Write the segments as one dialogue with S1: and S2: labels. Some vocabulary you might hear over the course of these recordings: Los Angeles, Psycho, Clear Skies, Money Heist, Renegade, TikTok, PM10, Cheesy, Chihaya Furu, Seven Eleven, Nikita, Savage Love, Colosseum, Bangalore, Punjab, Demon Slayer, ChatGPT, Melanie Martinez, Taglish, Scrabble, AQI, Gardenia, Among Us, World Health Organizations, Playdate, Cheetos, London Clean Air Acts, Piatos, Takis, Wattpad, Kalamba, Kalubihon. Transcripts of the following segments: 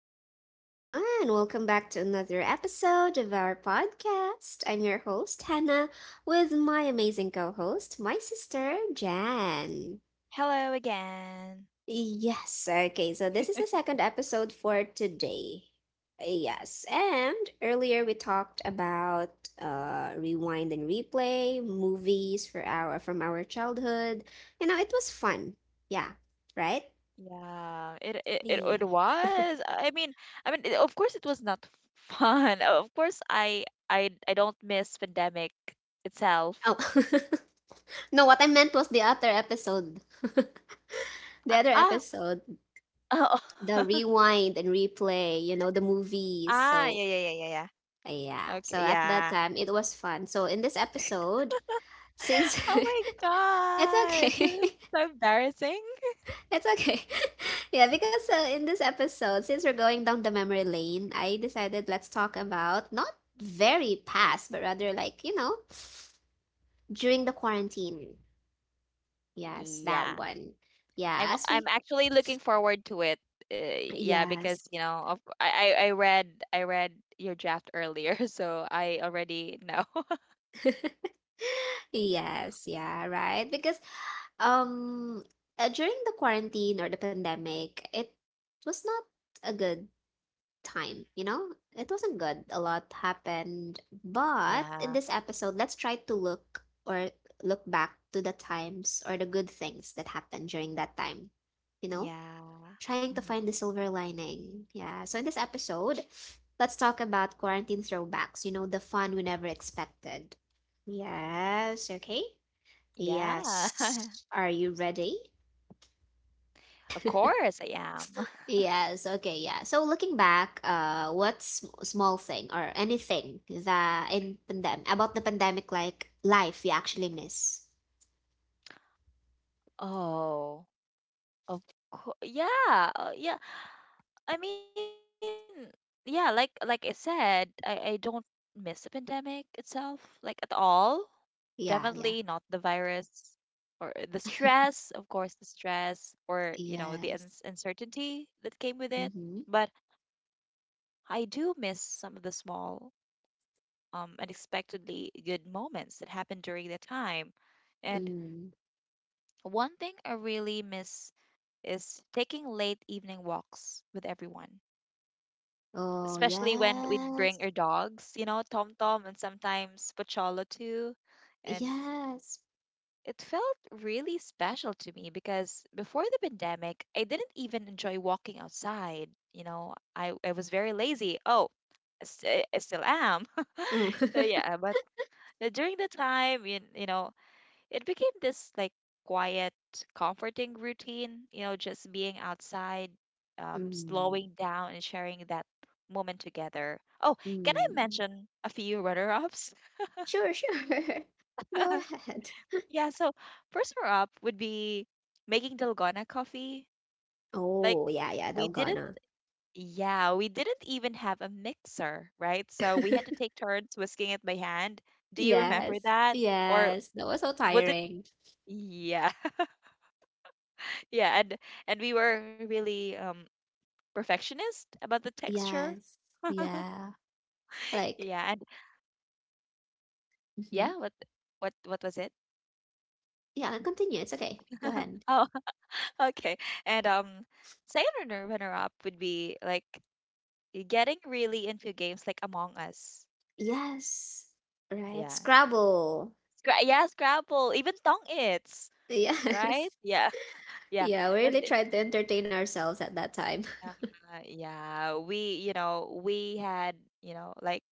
S1: everyone. Welcome back to another episode of our podcast. I'm your host, Hannah, with my amazing co host, my sister, Jan.
S2: Hello again.
S1: Yes, okay, so this is the second episode for today. Yes, and earlier we talked about rewind and replay movies for our from our childhood. It was fun. Yeah, right?
S2: Yeah, it it it,
S1: Yeah.
S2: it was. I mean, of course it was not fun. Of course, I don't miss pandemic itself.
S1: Oh. No, what I meant was the other episode.
S2: Ah,
S1: The other
S2: ah,
S1: episode,
S2: oh.
S1: the rewind and replay, the movies.
S2: ah, yeah, yeah, yeah, yeah,
S1: Yeah.
S2: yeah.
S1: So
S2: Okay,
S1: at that
S2: yeah.
S1: time, it was fun. So in this episode, since
S2: Oh
S1: it's
S2: my God, it's
S1: okay,
S2: so embarrassing.
S1: it's okay. Yeah, because in this episode, since we're going down the memory lane, I decided let's talk about not very past, but rather like, during the quarantine. Yes, that
S2: Yeah,
S1: one. Yeah,
S2: I'm
S1: as we,
S2: I'm actually looking forward to it. Yeah,
S1: yes.
S2: because you know, I read your draft earlier, so I already know.
S1: Yes, yeah, right. Because um during the quarantine or the pandemic, it was not a good time, you know? It wasn't good. A lot happened. But in
S2: Yeah.
S1: this episode, let's try to look back to the times or the good things that happened during that time, you know?
S2: Yeah.
S1: Trying to find
S2: hmm
S1: the silver lining. Yeah. So in this episode, let's talk about quarantine throwbacks, the fun we never expected. Yes, okay.
S2: Yeah.
S1: Yes. Are you ready?
S2: Of course I am.
S1: Yes. Okay. Yeah. So looking back, what small thing or anything that in pandemic about the pandemic, like life, you actually miss?
S2: Oh, of course. Yeah, yeah. I mean, yeah, like I said, I don't miss the pandemic itself, like at all.
S1: Yeah. Yeah.
S2: Definitely not the virus or the stress, of course, the stress or, you know,
S1: Yes.
S2: the uns uncertainty that came with it.
S1: Mm-hmm.
S2: But I do miss some of the small unexpectedly good moments that happened during the time. And
S1: Mm.
S2: one thing I really miss is taking late evening walks with everyone,
S1: Oh,
S2: especially when we'd
S1: yes.
S2: bring our dogs, you know, Tom Tom and sometimes Pocholo too. And
S1: Yes.
S2: it felt really special to me because before the pandemic, I didn't even enjoy walking outside. I was very lazy. Oh, I still am.
S1: Mm.
S2: So yeah, but during the time, you know, it became this like quiet, comforting routine, you know, just being outside,
S1: Mm.
S2: slowing down and sharing that moment together. Oh, can I
S1: Mm.
S2: mention a few runner ups?
S1: Sure. Sure. Go ahead.
S2: Yeah, so first runner up would be making dalgona coffee. Like,
S1: Oh, yeah. Yeah.
S2: we didn't,
S1: Dalgona.
S2: yeah, we didn't even have a mixer, right? So we had to take turns whisking it by hand. Do you remember
S1: Yes,
S2: that? Or
S1: yes, that was so
S2: was it?
S1: tiring.
S2: Yeah, yeah, and we were really perfectionist about the texture.
S1: Yes, yeah, like,
S2: Yeah, and
S1: mhm.
S2: yeah, what what was it?
S1: Yeah, continue. It's okay. Go ahead.
S2: Oh, okay. And second runner up would be like getting really into games like Among Us.
S1: Yes, right.
S2: Yeah,
S1: Scrabble.
S2: Yeah, Scrabble, even Tongue It's right.
S1: Yes.
S2: Yeah, yeah,
S1: Yeah, we really
S2: and
S1: tried to entertain ourselves at that time.
S2: uh, yeah. We you know we had you know like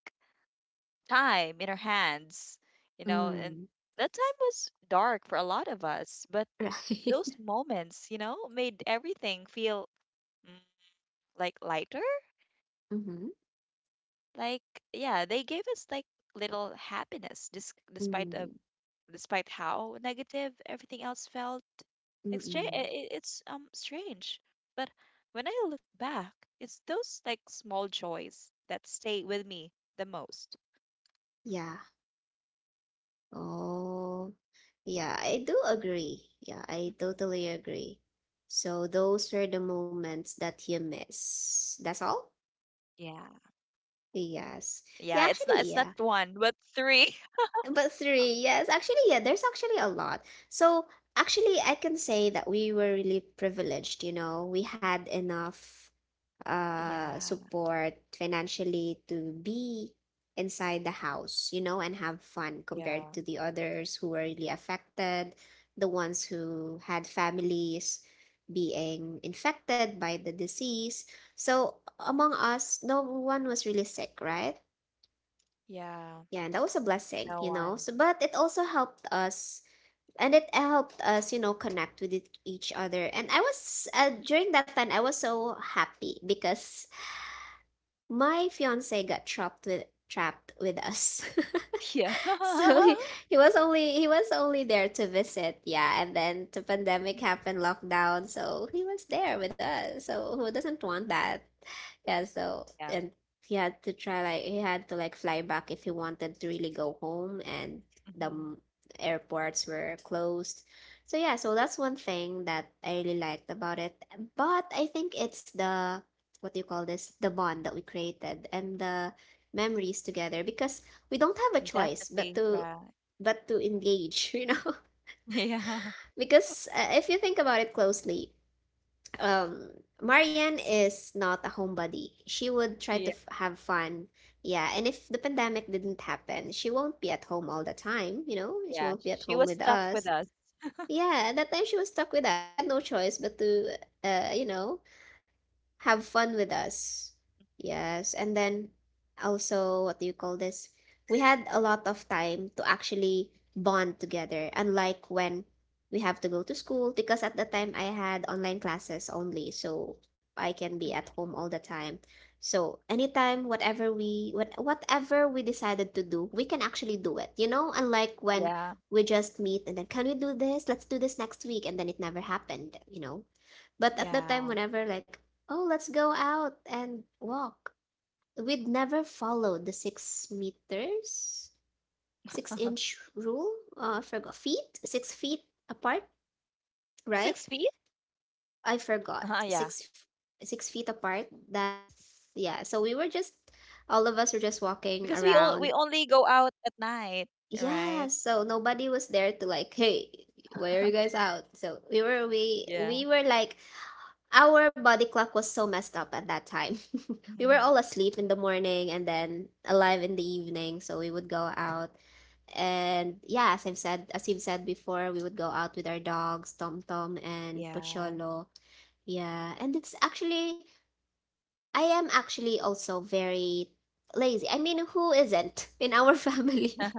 S2: time in our hands, you know, and
S1: Mm,
S2: that time was dark for a lot of us, but
S1: right.
S2: those moments, you know, made everything feel mm, like lighter.
S1: Mm-hmm.
S2: Like, yeah, they gave us like little happiness despite
S1: Mm,
S2: of despite how negative everything else felt. Exchange,
S1: mm-mm.
S2: it's strange, but when I look back, it's those like small joys that stay with me the most.
S1: Yeah. Oh, yeah, I do agree. Yeah, I
S2: hmm
S1: totally agree. So those were the moments that you miss. That's all?
S2: Yeah. Yeah,
S1: Yes.
S2: it's not
S1: Yeah,
S2: one,
S1: actually,
S2: but
S1: yeah.
S2: three.
S1: But three, yes. Actually, yeah, there's actually a lot. So, actually, I can say that we were really privileged. We had enough
S2: Yeah,
S1: support financially to be inside the house, and have fun
S2: yeah,
S1: compared to the others who were really affected, the ones who had families being infected by the disease. So, among us, no one was really sick, right?
S2: yeah.
S1: Yeah, that was a blessing,
S2: No
S1: you know.
S2: one.
S1: So, but it also helped us, and it helped us, connect with each other. And I was during that time, I was so happy because my fiance got trapped with us.
S2: Yeah.
S1: So he was only there to visit. Yeah. And then the pandemic happened, lockdown, so he was there with us. So who doesn't want that? Yeah. So
S2: Yeah.
S1: and he had to try like he had to like fly back if he wanted to really go home, and the
S2: hmm
S1: airports were closed. So yeah, so that's one thing that I really liked about it. But I think it's the, what do you call this, the bond that we created and the memories together, because we don't have a choice but
S2: Definitely.
S1: to
S2: Yeah.
S1: but to engage.
S2: Yeah.
S1: Because if you think about it closely, um Marianne is not a homebody. She would try to
S2: Yeah.
S1: have fun. Yeah. And if the pandemic didn't happen, she won't be at home all the time, you know she
S2: Yeah.
S1: won't be at
S2: She
S1: home
S2: was
S1: with
S2: stuck with
S1: us.
S2: us.
S1: Yeah. At that time she was stuck with us. She had no choice but to uh you know have fun with us. Yes. And then also, what do you call this? We had a lot of time to actually bond together, unlike when we have to go to school, because at the time I had online classes only, so I can be at
S2: Mhm.
S1: home all the time. So anytime whatever we decided to do, we can actually do it. Unlike when
S2: Yeah.
S1: we just meet and then, can we do this? Let's do this next week, and then it never happened. But at that time,
S2: Yeah.
S1: whenever like, oh, let's go out and walk, we'd never followed the 6 meters, six inch rule. I forgot feet, 6 feet apart,
S2: 6 feet?
S1: right? I forgot
S2: Yeah.
S1: six six feet apart. That, yeah. So we were just all of us were just
S2: Because we
S1: walking
S2: all we
S1: around.
S2: only go out at night, right?
S1: Yeah. So nobody was there to like, hey, where are you guys out? So we were we
S2: Yeah.
S1: we were like, our body clock was so messed up at that time. We were
S2: Mhm.
S1: all asleep in the morning and then alive in the evening, so we would go out. And yeah, as you've said before, we would go out with our dogs, Tom Tom and
S2: Yeah.
S1: Pocholo. Yeah, and it's actually I am actually also very lazy. I mean, who isn't in our family?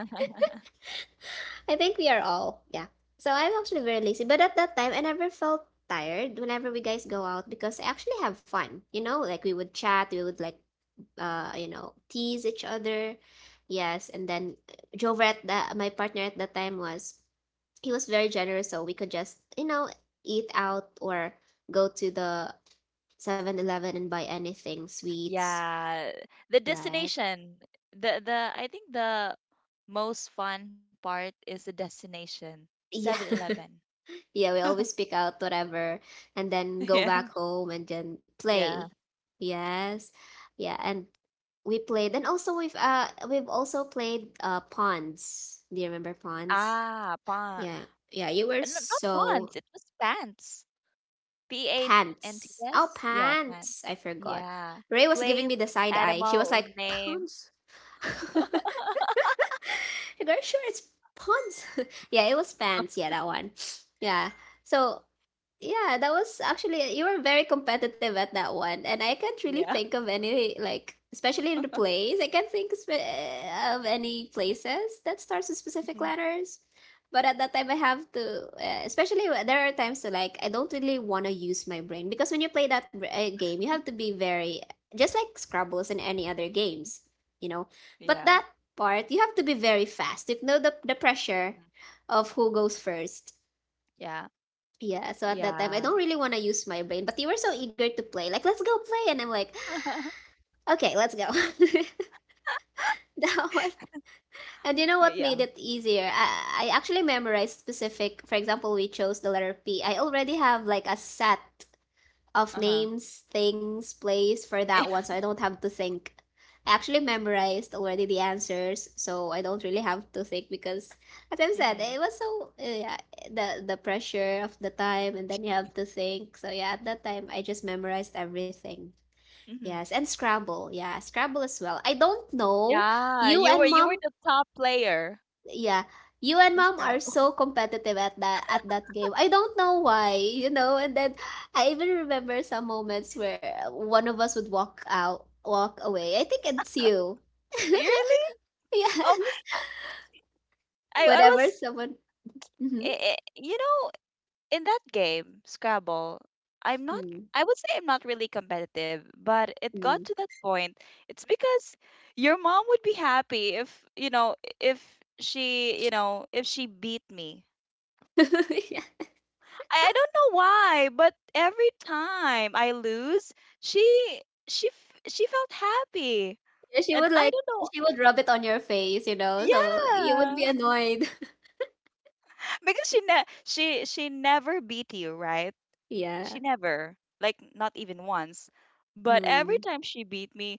S1: I think we are all. Yeah. So I'm actually very lazy. But at that time, I never felt tired whenever we guys go out because I actually have fun. Like we would chat, we would like, tease each other. Yes. And then Jover my partner at that time he was very generous. So we could just, eat out or go to the 7-Eleven and buy anything, sweets.
S2: Yeah, the
S1: Right.
S2: destination. The I think the most fun part is the destination. Seven
S1: Yeah.
S2: Eleven.
S1: Yeah, we always pick out whatever and then go
S2: Yeah.
S1: back home and then
S2: Yeah.
S1: play. Yes. Yeah, and we played, and also we've also played ponds. Do you remember ponds?
S2: Ah, pa
S1: Yeah. Yeah, you were
S2: Not pants.
S1: so,
S2: It was pants. P A N T
S1: pants. Oh,
S2: S. Yeah, pants.
S1: pants. I forgot.
S2: Yeah.
S1: Ray was giving
S2: Place,
S1: me the side eye. She was
S2: animal,
S1: like,
S2: name.
S1: "Pants." Girl, sure it's ponds. Yeah, it was pants. Yeah, that one. Yeah. So yeah, that was actually, you were very competitive at that one, and I can't really
S2: Yeah.
S1: think of any, like especially the place. I can't think spe- Of any places that starts with specific
S2: Mhm.
S1: letters. But at that time, I have to, especially there are times to like I don't really want to use my brain, because when you play that game, you have to be very, just like Scrabbles and any other games, you know. But
S2: Yeah.
S1: that part, you have to be very fast. You know the pressure
S2: Mhm.
S1: of who goes first.
S2: Yeah.
S1: Yeah, so at that time, I
S2: Yeah.
S1: don't really want to use my brain, but you were so eager to play. Like, let's go play. And I'm like, okay, let's go. That one. And you know
S2: Oh,
S1: what
S2: yeah.
S1: made it easier? I actually memorized specific, for example, we chose the letter P. I already have like a set of
S2: Uh-huh.
S1: names, things, place for that one, so I don't have to think. I actually memorized already the answers, so I don't really have to think because, as I've said,
S2: Mhm.
S1: it was so yeah, the pressure of the time, and then you have to think. So yeah, at that time, I just memorized everything.
S2: Mhm.
S1: Yes, and Scrabble. Yeah, Scrabble as well. I don't know.
S2: Yeah,
S1: You and
S2: you were
S1: mom,
S2: the top player.
S1: yeah, you and
S2: In
S1: mom are
S2: Scrabble.
S1: so competitive at that game. I don't know why. And then I even remember some moments where one of us would walk away. I think it's you.
S2: Really? Oh,
S1: Yes.
S2: I
S1: Whenever
S2: was
S1: someone, mm-hmm.
S2: you know in that game Scrabble, I'm not.
S1: Mm.
S2: I would say I'm not really competitive, but it
S1: Mm.
S2: got to that point. It's because your mom would be happy if you know if she you know if she beat me.
S1: Yeah.
S2: I don't know why, but every time I lose, she she felt happy,
S1: she
S2: and
S1: would
S2: I
S1: like
S2: don't know.
S1: she would rub it on your face, so you would
S2: Yeah,
S1: be annoyed.
S2: because she she never beat you, right? She
S1: Yeah.
S2: never, like, not even once. But every
S1: Mm.
S2: time she beat me,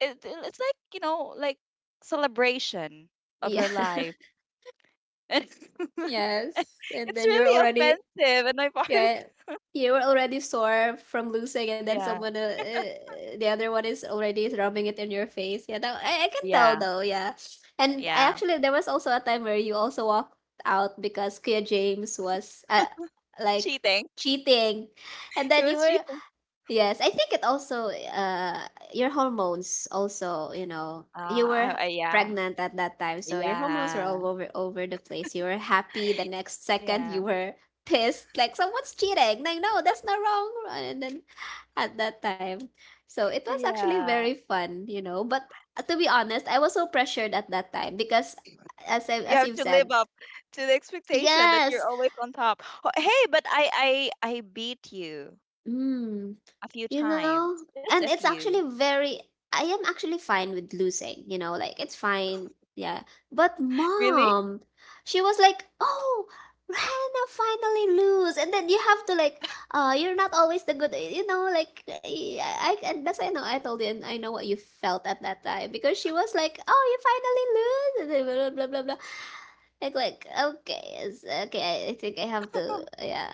S2: it, it's like, you know, like celebration of
S1: Yeah.
S2: her life. And
S1: Yes. And
S2: it's
S1: then you're
S2: really
S1: already,
S2: offensive on my part.
S1: yeah, you were already sore from losing, and then
S2: Yeah,
S1: the other one is already rubbing it in your face. Yeah, that, I can tell
S2: yeah,
S1: though. Yeah, and I
S2: yeah.
S1: actually there was also a time where you also walked out because Kuya James was like
S2: Cheating.
S1: cheating, and
S2: He
S1: then you
S2: was
S1: were,
S2: cheating.
S1: yes, I think it also your hormones also, you were
S2: Yeah,
S1: pregnant at that time, so your hormones were
S2: yeah,
S1: all over the place. You were happy the next second you
S2: yeah,
S1: were pissed like someone's cheating. Like no, that's not wrong. And then at that time. So it was actually very
S2: yeah.
S1: fun, but to be honest, I was so pressured at that time because
S2: You
S1: as
S2: have
S1: you've
S2: to live
S1: said,
S2: up to the expectation that you're
S1: yes.
S2: always on top. Oh, hey, but I beat you
S1: Mm,
S2: a few
S1: you
S2: times,
S1: know?
S2: just a
S1: And it's
S2: few.
S1: actually very I am actually fine with losing, like it's fine. Yeah. But
S2: Really?
S1: mom, she was like, "Oh, Rana, finally lose." And then you have to like, you're not always the good, you know, like I and that's, I know I told you, and I know what you felt at that time because she was like, "Oh, you finally lose." And then blah blah blah blah, blah. like okay, okay, I think I have to, yeah.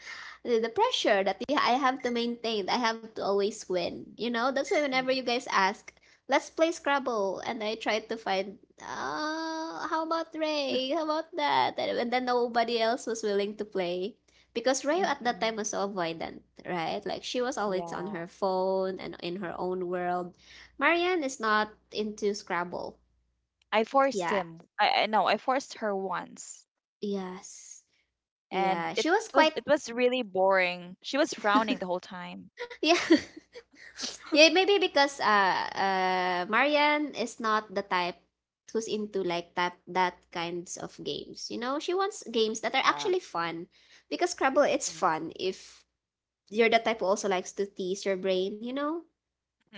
S1: The pressure that I have to maintain. I have to always win. You know, that's why whenever
S2: Mm,
S1: you guys ask, let's play Scrabble, and I try to find, oh, how about Ray? How about that? And then nobody else was willing to play. Because Rayo at that time
S2: mhm.
S1: was so avoidant, right? Like she was always on her
S2: Yeah.
S1: phone and in her own world. Marianne is not into Scrabble.
S2: I
S1: Yeah.
S2: forced him. I no, I forced her once.
S1: Yes. Yeah. She
S2: And
S1: was quite.
S2: it was really boring. She was frowning the whole time.
S1: Yeah. Yeah, maybe because Marian is not the type who's into like that kinds of games. You know, she wants games that are
S2: Yeah.
S1: actually fun. Because Scrabble, it's
S2: Mhm,
S1: fun if you're the type who also likes to tease your brain, you know,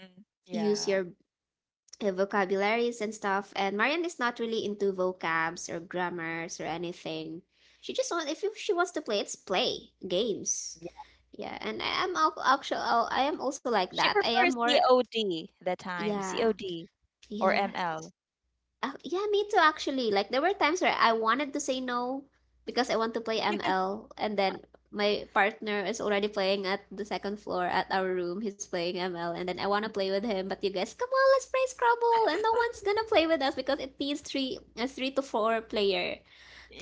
S2: mhm.
S1: use your
S2: Yeah.
S1: vocabularies and stuff. And Marian is not really into vocabs or grammars or anything. She just wants if you- she wants to play, it's play games.
S2: Yeah.
S1: Yeah, and I am actually I am also like
S2: She
S1: that. I am
S2: prefers
S1: more.
S2: COD the time.
S1: Yeah.
S2: COD or
S1: Yes.
S2: ML.
S1: Yeah, me too, actually. Like, there were times where I wanted to say no because I want to play ML, and then my partner is already playing at the second floor at our room. He's playing ML, and then I want to
S2: Mhm.
S1: play with him, but you guys, come on, let's play Scrabble, and no one's gonna play with us because it needs three to four player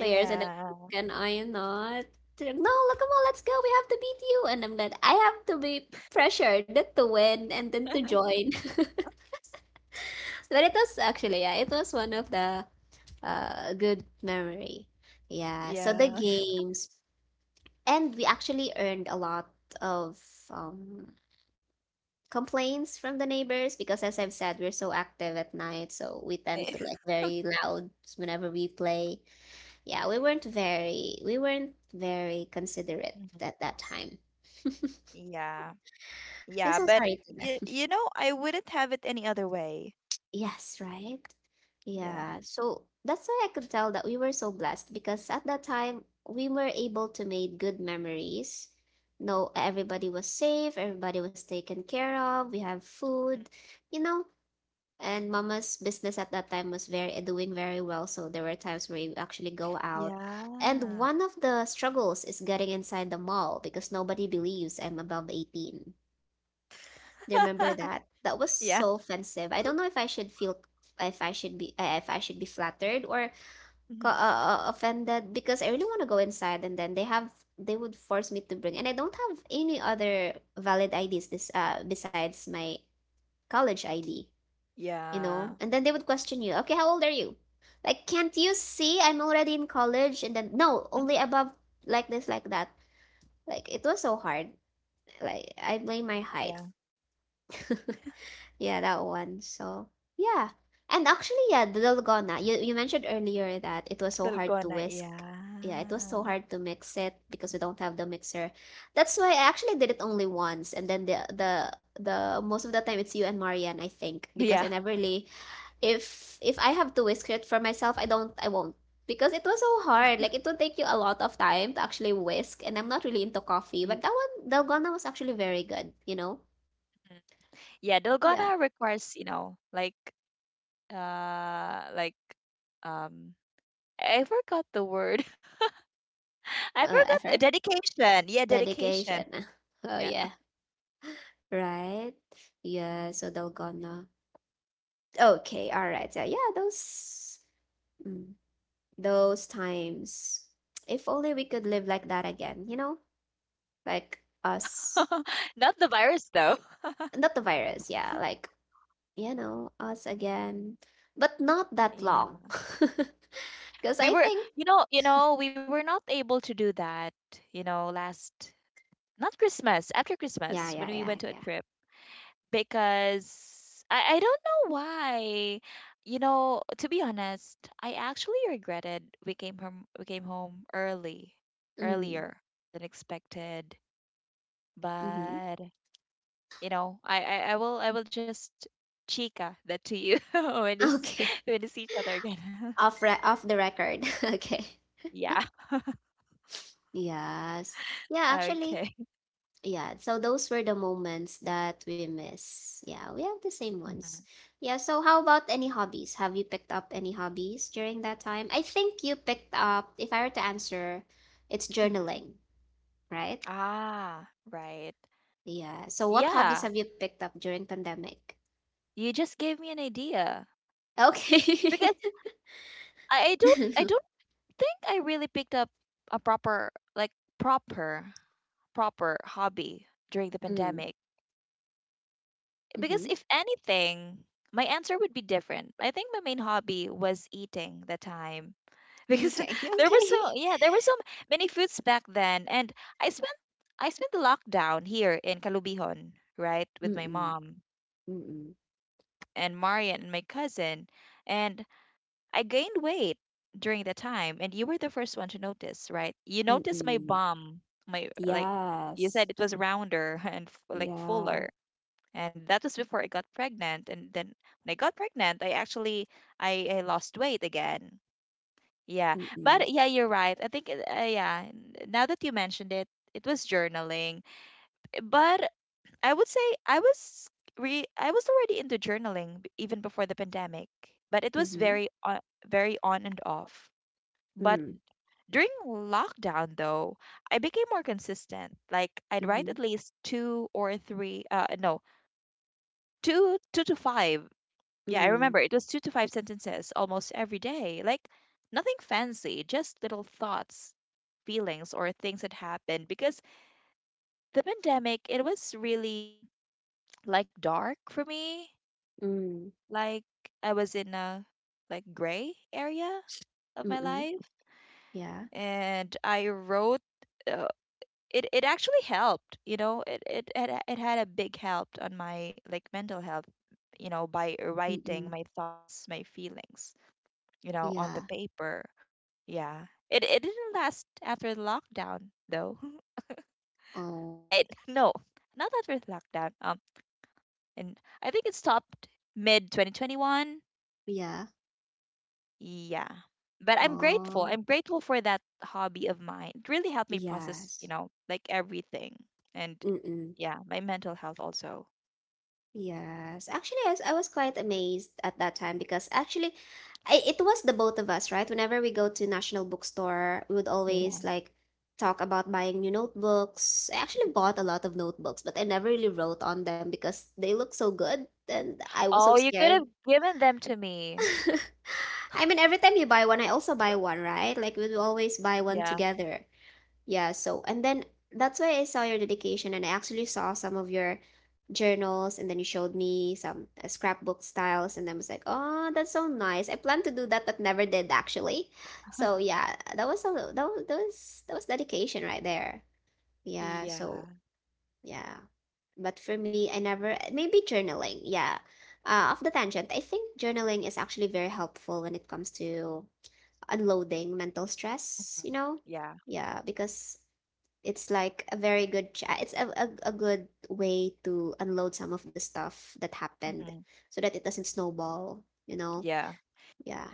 S1: players, and then can I not? They're like, "No, look, come on, let's go. We have to beat you," and I'm like, "I have to be pressured to win and then to join." But it was actually, yeah, it was one of the good memory. Yeah, so the
S2: Yeah.
S1: games, and we actually earned a lot of um, complaints from the neighbors because, as I've said, we're so active at night, so we tend to like very loud whenever we play. Yeah, we weren't very considerate
S2: Mhm.
S1: at that time.
S2: Yeah.
S1: I'm so
S2: Yeah, but
S1: sorry to them.
S2: y you know, I wouldn't have it any other way.
S1: Yes, right?
S2: Yeah.
S1: Yeah. So that's why I could tell that we were so blessed because at that time we were able to make good memories. No, everybody was safe, everybody was taken care of, we have
S2: Mm.
S1: food, you know. And mama's business at that time was very doing very well, so there were times where you actually go out. And
S2: Yeah.
S1: one of the struggles is getting inside the mall because nobody believes I'm above 18. Do you remember that? That was
S2: Yeah.
S1: so offensive. I don't know if I should feel, if I should be if I should be flattered or
S2: Yeah.
S1: offended because I really want to go inside and then they would force me to bring and I don't have any other valid IDs this besides my college ID, you
S2: Yeah.
S1: know? And then they would question you, "Okay, how old are you?" Like, "Can't you see I'm already in college?" And then, "No,
S2: Mm,
S1: only above like this like that." Like it was so hard. Like I blame my height.
S2: Yeah.
S1: Yeah, that one. So, yeah. And actually, yeah, the dalgona. You mentioned earlier that it was so hard to
S2: Dalgona,
S1: whisk. Yeah, it was so
S2: yeah.
S1: hard to mix it because we don't have the mixer. That's why I actually did it only once, and then the most of the time it's you and Marianne, I think, because I
S2: Yeah.
S1: never really. If I have to whisk it for myself, I won't. Because it was so hard. Like it would take you a lot of time to actually whisk, and I'm not really into coffee, but
S2: y-
S1: that one, dalgona, was actually very good, you know?
S2: mm. Yeah,
S1: Yeah.
S2: Dalgona requires, you know, like um I forgot the word. I forgot
S1: Effort.
S2: dedication. Yeah, dedication.
S1: Dedication. Oh
S2: Yeah.
S1: yeah, right. Yeah, so they'll gonna. Okay, all right. Yeah, yeah, mm, those times. If only we could live like that again, you know, like us,
S2: Not the virus though.
S1: not the virus. Yeah, like, us again, but not that
S2: Yeah.
S1: long. Because
S2: We
S1: I
S2: were,
S1: think,
S2: you know, we were not able to do that, you know, last not Christmas, after
S1: yeah,
S2: Christmas when
S1: yeah,
S2: we
S1: yeah,
S2: went to a
S1: yeah.
S2: trip. Because I don't know why. You know, to be honest, I actually regretted we came home early,
S1: Mm,
S2: earlier than expected.
S1: mm-hmm.
S2: But you know, I will just chica that to you
S1: Okay.
S2: when you see each other again.
S1: Off the record. Okay.
S2: Yeah.
S1: Yes. Yeah, actually.
S2: Okay.
S1: Yeah, so those were the moments that we miss. Yeah, we have the same ones.
S2: hmm
S1: Yeah, so how about any hobbies? Have you picked up any hobbies during that time? I think you picked up, if I were to answer, it's
S2: hmm
S1: journaling, right?
S2: Ah, right.
S1: Yeah. So what hobbies
S2: Yeah,
S1: have you picked up during pandemic?
S2: you just gave me an idea because
S1: Okay.
S2: I
S1: Mm.
S2: don't think I really picked up a proper like proper proper hobby during the pandemic
S1: Mm-hmm.
S2: because if anything my answer would be different. I think my main hobby was eating the time because
S1: Eating.
S2: there were
S1: Okay.
S2: so yeah, there were so many foods back then and I spent I spent the lockdown here in Kalubihon, right, with my
S1: Mm-mm,
S2: mom
S1: mm-mm,
S2: and Marian and my cousin and I gained weight during the time, and you were the first one to notice, right? You noticed my
S1: mm-mm.
S2: bum, my like you
S1: Yes.
S2: said it was rounder and like
S1: Yeah.
S2: fuller, and that was before I got pregnant. And then when I got pregnant, I lost weight again. Yeah,
S1: Mm-mm,
S2: but yeah, you're right. I think yeah. Now that you mentioned it, it was journaling, but I would say I was already into journaling even before the pandemic, but it was
S1: mm-hmm,
S2: very on and off. But
S1: mm,
S2: during lockdown, though, I became more consistent. Like I'd write
S1: mm-hmm,
S2: at least two or three, no, two, two to five. Yeah, I
S1: mm.
S2: remember it was two to five sentences almost every day. Like nothing fancy, just little thoughts, feelings, or things that happened. Because the pandemic, it was really like dark for me.
S1: Ừm,
S2: Like I was in a like gray area of
S1: mm,
S2: my life,
S1: yeah,
S2: and I wrote. uh, it it actually helped, you know, it had a big help on my like mental health, you know, by writing
S1: mm,
S2: my thoughts, my feelings, you know, on the
S1: yeah,
S2: paper. Yeah, it didn't last after the lockdown though.
S1: oh,
S2: But no, not after the lockdown. And I think it stopped mid 2021.
S1: yeah,
S2: Yeah, but
S1: oh,
S2: I'm grateful for that hobby of mine. It really helped me process, you
S1: yes,
S2: know, like everything. And
S1: mm,
S2: yeah, my mental health also.
S1: yes. Actually, yes, I was quite amazed at that time because actually, it was the both of us, right? Whenever we go to National Bookstore, we would always like talk about buying new notebooks. I actually bought a lot of notebooks, but I never really wrote on them because they look so good, and I was so
S2: Oh, you could
S1: scared.
S2: have given them to me.
S1: I mean, every time you buy one, I also buy one, right? Like we will always buy one
S2: Yeah.
S1: together. Yeah, so and then that's why I saw your dedication and I actually saw some of your journals and then you showed me some scrapbook styles and I was like, "Oh, that's so nice. I plan to do that but never did actually." So, yeah, that was so that was that was, that was dedication right there. Yeah, so
S2: Yeah.
S1: yeah. But for me, I never, maybe journaling. Yeah. Off the tangent, I think journaling is actually very helpful when it comes to unloading mental stress,
S2: Mhm.
S1: you know?
S2: Yeah.
S1: Yeah, because it's a good way to unload some of the stuff that happened
S2: hmm
S1: so that it doesn't snowball, you know?
S2: Yeah.
S1: Yeah.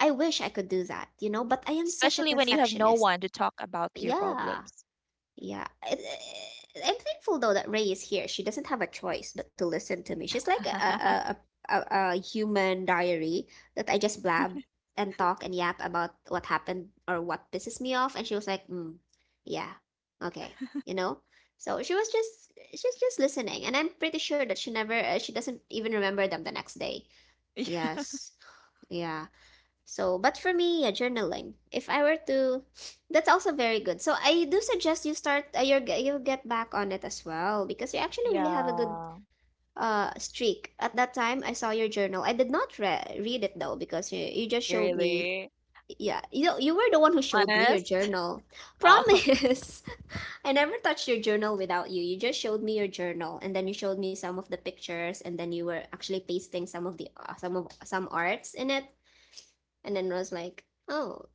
S1: I wish I could do that, you know, but I am such a
S2: Especially when you have no
S1: perfectionist.
S2: one to talk about your
S1: Yeah.
S2: problems.
S1: Yeah. I'm thankful though that Ray is here. She doesn't have a choice but to listen to me. She's like a a a, a, a human diary that I just blab and talk and yap about what happened or what pisses me off and she was like, "Mm, yeah. Okay." You know? So she's just listening and I'm pretty sure that she doesn't even remember them the next day.
S2: Yeah.
S1: Yes. Yeah. So, but for me, yeah, journaling. If I were to, that's also very good. So I do suggest you start. You'll get back on it as well because you actually really have a good
S2: Yeah.
S1: streak. At that time, I saw your journal. I did not read it though because you just
S2: You
S1: showed me.
S2: really
S1: Yeah, you were the one who showed me your
S2: honest?
S1: journal.
S2: Oh,
S1: Promise. I never touched your journal without you. You just showed me your journal and then you showed me some of the pictures and then you were actually pasting some of the some of some arts in it and then was like, "Oh,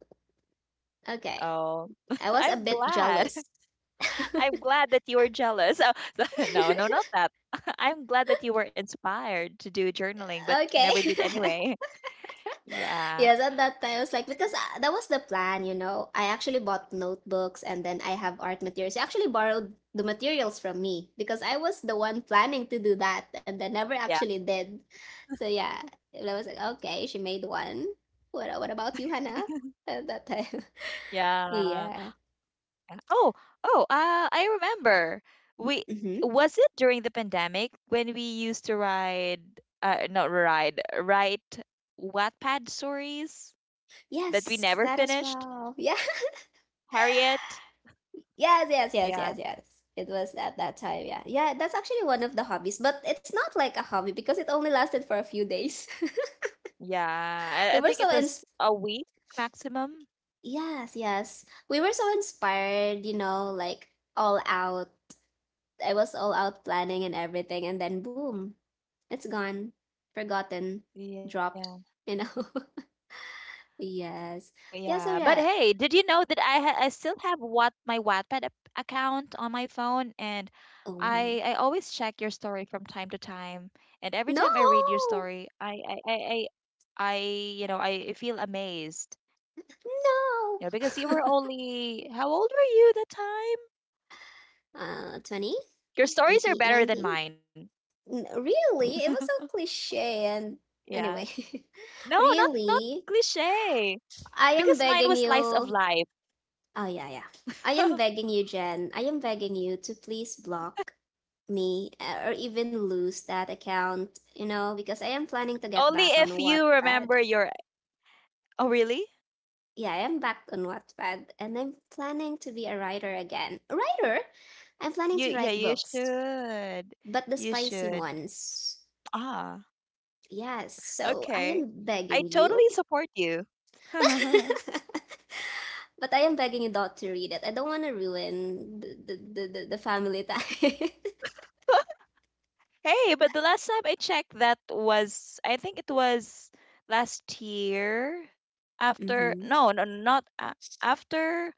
S1: okay.
S2: oh.
S1: I was a
S2: I'm
S1: bit
S2: glad.
S1: jealous."
S2: I'm glad that you were jealous. Oh, no, no, not that. I'm glad that you were inspired to do journaling, but
S1: Okay.
S2: never did anyway. Yeah.
S1: Yes, at that time I was like because that was the plan, you know. I actually bought notebooks and then I have art materials. She actually borrowed the materials from me because I was the one planning to do that and then never
S2: Yeah.
S1: actually did. So yeah, I was like, okay, she made one. What about you, Hannah? At that time.
S2: Yeah.
S1: Yeah.
S2: Oh, oh, I remember. We
S1: Mm-hmm.
S2: was it during the pandemic when we used to ride, not ride, write Wattpad stories that we
S1: Yes,
S2: never
S1: that as
S2: finished?
S1: well. Yeah.
S2: Harriet?
S1: Yes, yes, yes,
S2: Yeah,
S1: yes, yes. It was at that time, yeah. Yeah, that's actually one of the hobbies, but it's not like a hobby because it only lasted for a few days.
S2: yeah.
S1: we
S2: I
S1: were
S2: think
S1: so
S2: it was
S1: ins-
S2: a week maximum.
S1: Yes, yes. We were so inspired, you know, like all out. I was all out planning and everything, and then boom, it's gone, forgotten,
S2: Yeah.
S1: dropped, you know.
S2: Yeah,
S1: Yes.
S2: but hey,
S1: Yeah, so
S2: did you
S1: yeah.
S2: know that I still have what my account on my phone, and I
S1: Oh.
S2: always check your story from time to time, and every time
S1: No.
S2: I read your story, I you know I feel amazed, you
S1: No.
S2: know, because you were only how old were you that time?
S1: 20
S2: Your stories are
S1: 18,
S2: better than
S1: 19.
S2: mine.
S1: Really? It was so cliche and
S2: Yeah,
S1: anyway.
S2: no, not not
S1: Really?
S2: cliche,
S1: I
S2: because
S1: am
S2: mine was
S1: begging
S2: slice of
S1: you.
S2: life.
S1: Oh yeah, yeah. I am begging you, Jen. I am begging you to please block me or even lose that account, you know, because I am planning to get
S2: Only
S1: back on
S2: if you
S1: Wattpad.
S2: remember your. Oh, really?
S1: Yeah, I am back on Wattpad and I'm planning to be a writer again. A writer? I'm planning
S2: You
S1: to
S2: Yeah,
S1: write
S2: you
S1: books,
S2: should.
S1: but the
S2: You
S1: spicy
S2: should.
S1: ones.
S2: Ah,
S1: Yes, so I
S2: okay.
S1: am
S2: I
S1: begging you.
S2: totally support you.
S1: But I am begging you not to read it. I don't want to ruin the family time.
S2: Hey, but the last time I checked, that was, I think it was last year after,
S1: Mm-hmm.
S2: no, no, not a after,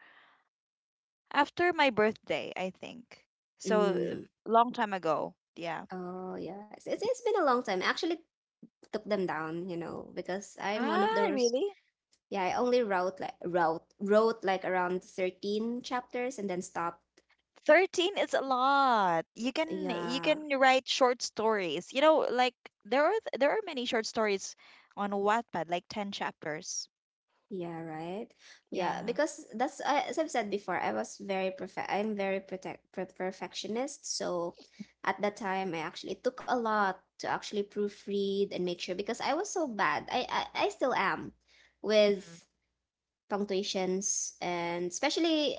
S2: after my birthday, I think. So
S1: Mm.
S2: long time ago. Yeah.
S1: Oh yeah, it's been a long time. I actually took them down, you know, because I'm one of
S2: Ah,
S1: those.
S2: really?
S1: Yeah, I only wrote like wrote wrote like around 13 chapters and then stopped.
S2: 13 is a lot. You
S1: Yeah,
S2: can write short stories. You know, like there are many short stories on Wattpad, like 10 chapters.
S1: yeah, right. Yeah,
S2: Yeah.
S1: because that's as I've said before, I was very perfect. I'm very protect per perfectionist. So at that time, I actually it took a lot to actually proofread and make sure because I was so bad. I still am with
S2: Mhm.
S1: punctuations and especially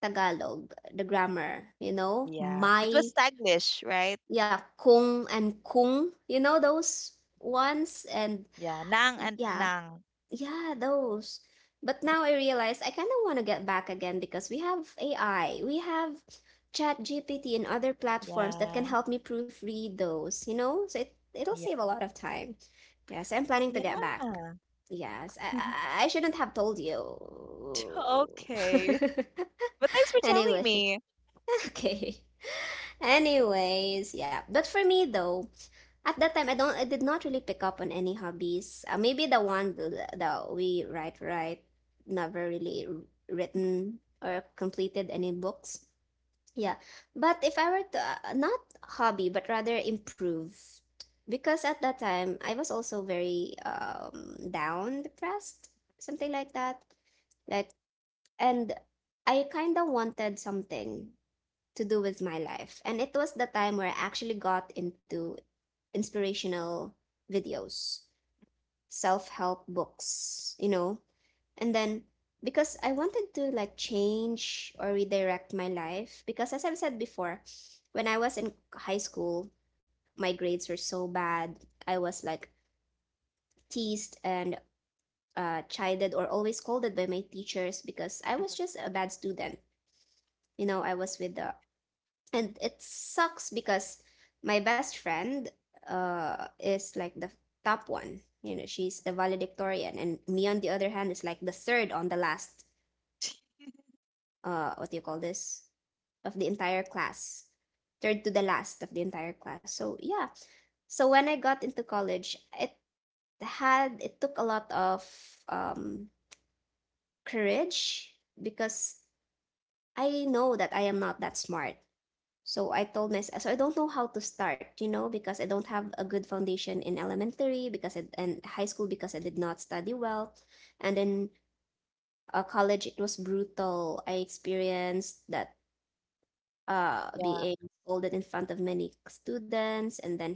S1: Tagalog, the grammar. You know,
S2: Yeah. It was
S1: my
S2: Taglish, right?
S1: yeah, kung and kung. You know those ones and
S2: Yeah. Nang and
S1: yeah.
S2: Nang.
S1: Yeah, those. But now I realize I kind of want to get back again because we have AI. We have ChatGPT and other platforms that can
S2: Yeah.
S1: help me proofread those, you know? So it'll
S2: Yeah.
S1: save a lot of time. Yes, I'm planning to get back.
S2: Yeah.
S1: Yes, I, I I shouldn't have told you.
S2: Okay. But thanks for telling
S1: Anyway,
S2: me.
S1: okay. Anyways, yeah. But for me though, at that time I did not really pick up on any hobbies. Maybe the one that we write right never really written or completed any books. Yeah. But if I were to not hobby but rather improve, because at that time I was also very down, depressed, something like that. Like and I kind of wanted something to do with my life. And it was the time where I actually got into inspirational videos, self help books, you know. And then because I wanted to like change or redirect my life, because as I've said before, when I was in high school, my grades were so bad. I was like teased and chided or always scolded by my teachers because I was
S2: Mhm.
S1: just a bad student. You know, I was with the and it sucks because my best friend is like the top one, you know, she's the valedictorian, and me on the other hand is like the third on the last what do you call this of the entire class, third to the last of the entire class. So yeah, so when I got into college it had it took a lot of um courage because I know that I am not that smart. So I told myself, so I don't know how to start, you know, because I don't have a good foundation in elementary, because I, and high school because I did not study well, and then college it was brutal. I experienced that
S2: Yeah,
S1: being scolded in front of many students, and then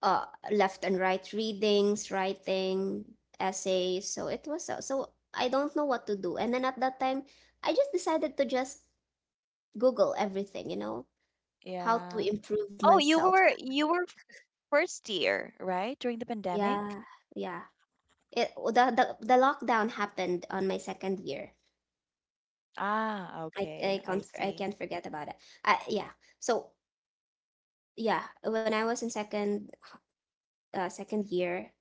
S1: uh left and right readings, writing essays. So it was so so I don't know what to do. And then at that time, I just decided to just Google everything, you know, how to
S2: yeah.
S1: improve
S2: Oh,
S1: myself.
S2: you were first year, right? During the pandemic?
S1: Yeah, yeah. It the lockdown happened on my second year.
S2: Ah, okay, I see.
S1: I can't forget about it. I, yeah. So yeah, when I was in second year,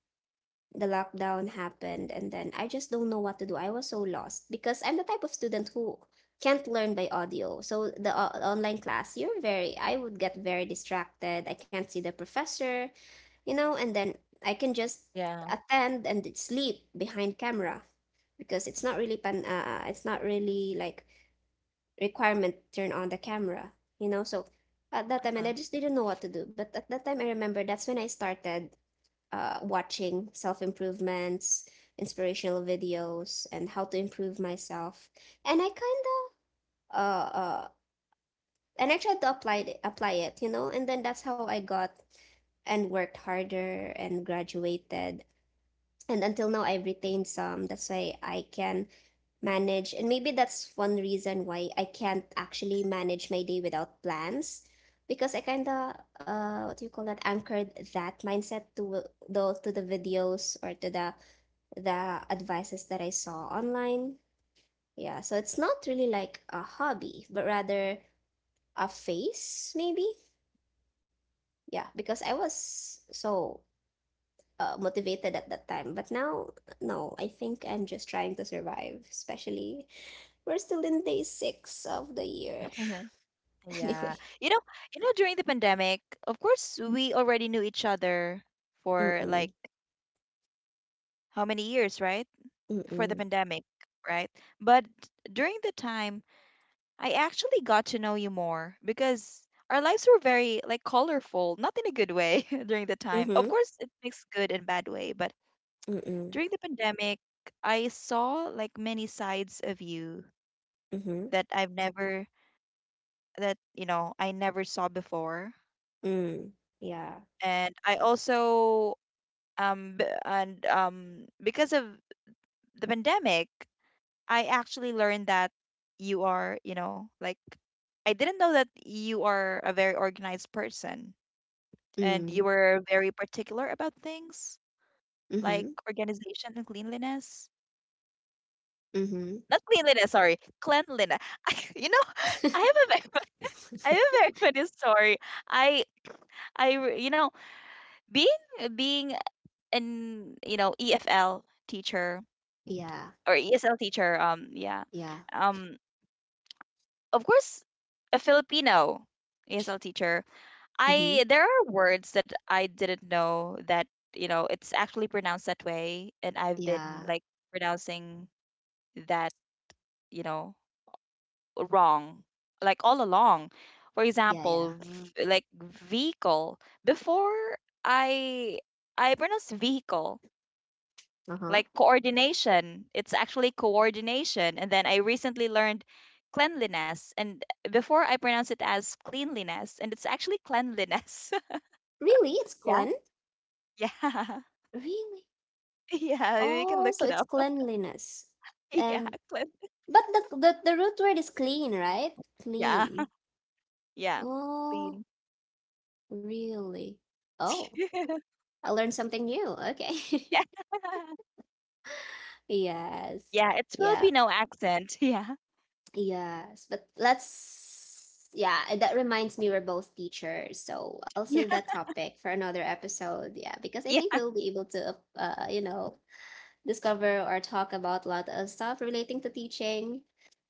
S1: the lockdown happened, and then I just don't know what to do. I was so lost because I'm the type of student who can't learn by audio. So the online class, you're very I would get very distracted. I can't see the professor. You know, and then I can
S2: Yeah.
S1: just attend and sleep behind camera because it's not really pan it's not really like requirement turn on the camera, you know. So at
S2: Mhm.
S1: that time, and I just didn't know what to do. But at that time, I remember that's when I started watching self-improvements, inspirational videos, and how to improve myself. And I kind of uh, uh and I tried to apply it, you know, and then that's how I got and worked harder and graduated, and until now I've retained some. That's why I can manage, and maybe that's one reason why I can't actually manage my day without plans, because I kind of what do you call that anchored that mindset to the videos or to the advices that I saw online. Yeah, so it's not really like a hobby but rather a phase maybe. Yeah, because I was so motivated at that time. But now, no, I think I'm just trying to survive, especially we're still in day six of the year.
S2: Yeah.
S1: Anyway.
S2: During the pandemic, of course, we already knew each other for
S1: Mm-mm.
S2: like how many years, right? Before the
S1: Mm-mm.
S2: pandemic, right? But during the time, I actually got to know you more because our lives were very like colorful, not in a good way during the time.
S1: Mm-hmm.
S2: Of course, it makes good and bad way, but
S1: Mm-mm.
S2: during the pandemic, I saw like many sides of you
S1: Mm-hmm.
S2: that I've never that, you know, I never saw before.
S1: Mm. Yeah.
S2: And I also b- and because of the pandemic I actually learned that you are I didn't know that you are a very organized person and
S1: Mm.
S2: you were very particular about things like
S1: Mm-hmm.
S2: organization and cleanliness,
S1: Mm-hmm.
S2: not cleanliness, sorry, cleanliness. I, I have a very fun- I have a very funny story. I I re- you know being being an EFL teacher
S1: yeah.
S2: or ESL teacher. Yeah.
S1: Yeah.
S2: Um, of course, a Filipino ESL teacher. I,
S1: Mm-hmm.
S2: there are words that I didn't know that, you know, it's actually pronounced that way, and I've been
S1: Yeah.
S2: like pronouncing that, you know wrong, like all along. For
S1: Yeah. Yeah.
S2: example, vehicle. Before I I pronounced vehicle,
S1: Uh-huh.
S2: like coordination. It's actually coordination. And then I recently learned cleanliness. And before I pronounce it as cleanliness, and it's actually cleanliness.
S1: Really? It's
S2: Yeah.
S1: clean?
S2: Yeah.
S1: Really?
S2: Yeah. You can
S1: Oh,
S2: look
S1: so
S2: it
S1: it's
S2: up.
S1: cleanliness.
S2: Yeah.
S1: And
S2: Clean.
S1: but the root word is clean, right?
S2: Yeah.
S1: Clean.
S2: Yeah.
S1: Oh,
S2: Clean.
S1: really? Oh, I learned something new. Okay.
S2: Yeah.
S1: Yes.
S2: Yeah. It's
S1: Yeah.
S2: Filipino accent. Yeah.
S1: Yes. But let's, yeah, and that reminds me we're both teachers. So I'll save
S2: Yeah.
S1: that topic for another episode. Yeah, because I
S2: Yeah.
S1: think we'll be able to, you know, discover or talk about a lot of stuff relating to teaching.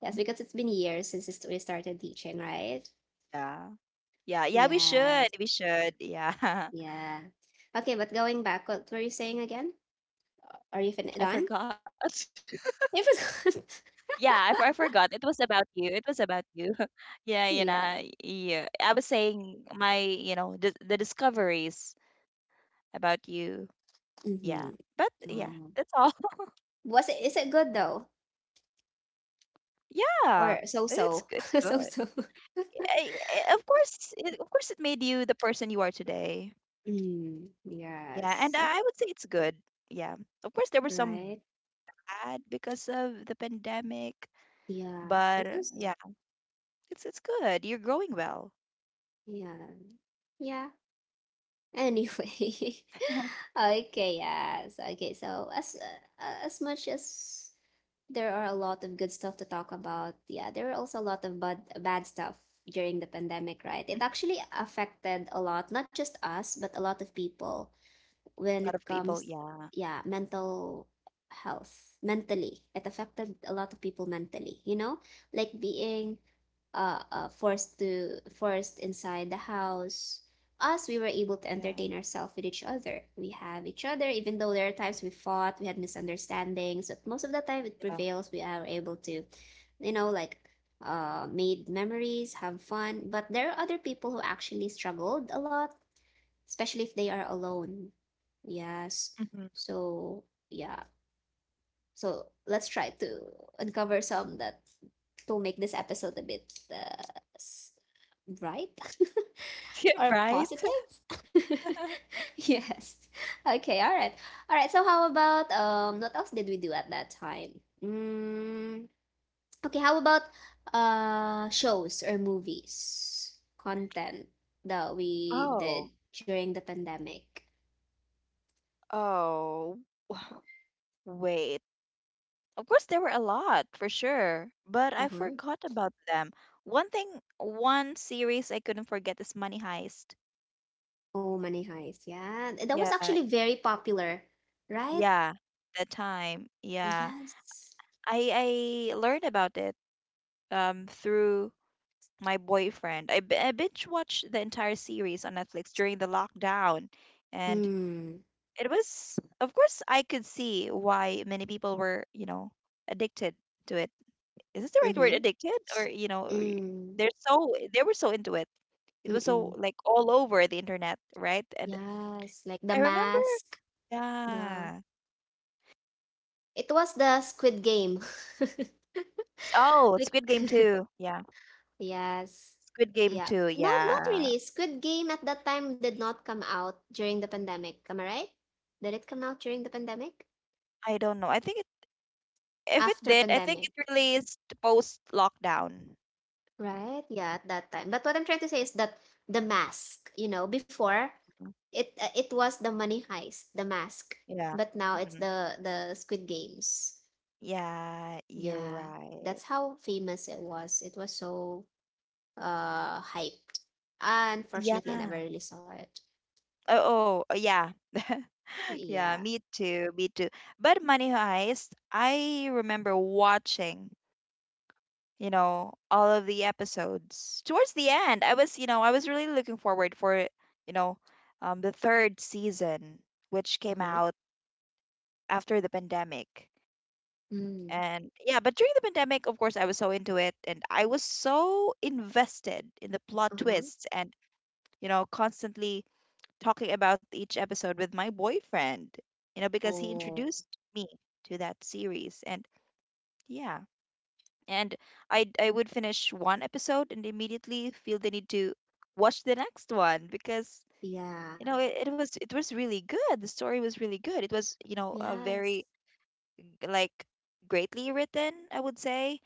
S1: Yes, because it's been years since it's- we started teaching, right?
S2: Yeah. Yeah. Yeah. We should.
S1: Yes.
S2: We should. Yeah.
S1: Yeah. Okay, but going back, what were you saying again? Are you fin
S2: I
S1: done?
S2: forgot.
S1: If it's good.
S2: Yeah, I forgot. It was about you. It was about you. Yeah,
S1: Yes.
S2: yeah. I was saying my, the discoveries about you. Yeah,
S1: Hmm.
S2: but yeah,
S1: Um,
S2: that's all.
S1: was it? Is it good though,
S2: Yeah,
S1: or so so,
S2: it's
S1: so
S2: good.
S1: so?
S2: Of course, of course, it made you the person you are today.
S1: Mm,
S2: Yeah,
S1: yes.
S2: and
S1: Oh,
S2: I would say it's good. Yeah, of course, there were some
S1: right.
S2: bad because of the pandemic,
S1: Yeah.
S2: but
S1: It was.
S2: yeah, it's good. You're growing well.
S1: Yeah. Yeah. Anyway. okay. Yes. Okay. So as much as there are a lot of good stuff to talk about, yeah, there were also a lot of bad bad stuff during the pandemic, right? It actually affected a lot, not just us, but a lot of people
S2: A lot
S1: when
S2: of
S1: it
S2: people,
S1: comes
S2: yeah,
S1: yeah mental health, mentally it affected a lot of people mentally, you know, like being forced to forced inside the house. Us, we were able to
S2: yeah,
S1: entertain ourselves with each other. We have each other, even though there are times we fought, we had misunderstandings, but most of the time it
S2: yeah.
S1: prevails. We are able to, you know, like made memories, have fun, but there are other people who actually struggled a lot, especially if they are alone. Yes.
S2: Mm-hmm.
S1: So, yeah. So, let's try to uncover some that to make this episode a bit s- bright
S2: Yeah,
S1: or
S2: right?
S1: positive. Yes. Okay, all right. All right, so how about what else did we do at that time? Mm, okay, how about shows or movies content that we
S2: Oh,
S1: did during the pandemic?
S2: oh, w- wait. Of course, there were a lot for sure, but I
S1: Mm-hmm.
S2: forgot about them. One thing, one series I couldn't forget is Money Heist.
S1: Oh, Money Heist. Yeah. That was
S2: Yeah,
S1: actually very popular, right?
S2: yeah, that time. Yeah,
S1: Yes.
S2: I learned about it through my boyfriend. I binge watched the entire series on Netflix during the lockdown, and
S1: Mm.
S2: it was, of course, I could see why many people were, addicted to it. Is this the right word,
S1: Mm-hmm.
S2: addicted, or
S1: Mm.
S2: they're so, they were so into it. It was so
S1: Mm-mm.
S2: like all over the internet, right? And
S1: Yes. Like the
S2: I remember,
S1: mask, the
S2: yeah.
S1: it was the Squid Game.
S2: Oh, squid
S1: Like
S2: game 2. Yeah,
S1: yes.
S2: squid game
S1: Yeah.
S2: 2.
S1: Not not
S2: Yeah,
S1: really. Squid Game at that time did not come out during the pandemic. Am I right? Did it come out during the pandemic?
S2: I don't know, I think it, if it
S1: After
S2: did, I think it
S1: pandemic.
S2: released post lockdown.
S1: Right? Yeah, at that time. But what I'm trying to say is that the mask, you know, before it it was the money heist, the mask,
S2: Yeah.
S1: but now it's
S2: Mhm.
S1: the Squid Games.
S2: Yeah, you're
S1: Yeah,
S2: right.
S1: that's how famous it was. It was so hyped. Unfortunately, I never
S2: Yeah.
S1: really saw it.
S2: Oh, oh yeah. Yeah,
S1: Yeah.
S2: me too, me too. But Money Heist, I remember watching, you know, all of the episodes. Towards the end, I was, you know, I was really looking forward for, you know, the third season, which came
S1: Mm-hmm.
S2: out after the pandemic.
S1: Mm.
S2: And yeah, but during the pandemic, of course, I was so into it and I was so invested in the plot
S1: Uh-huh.
S2: twists and, you know, constantly talking about each episode with my boyfriend, you know, because he
S1: Oh,
S2: introduced me to that series. And yeah, and I would finish one episode and immediately feel the need to watch the next one because,
S1: yeah.
S2: it was, it was really good. The story was really good. It was, you know, a
S1: Yes.
S2: very like greatly written, I would say.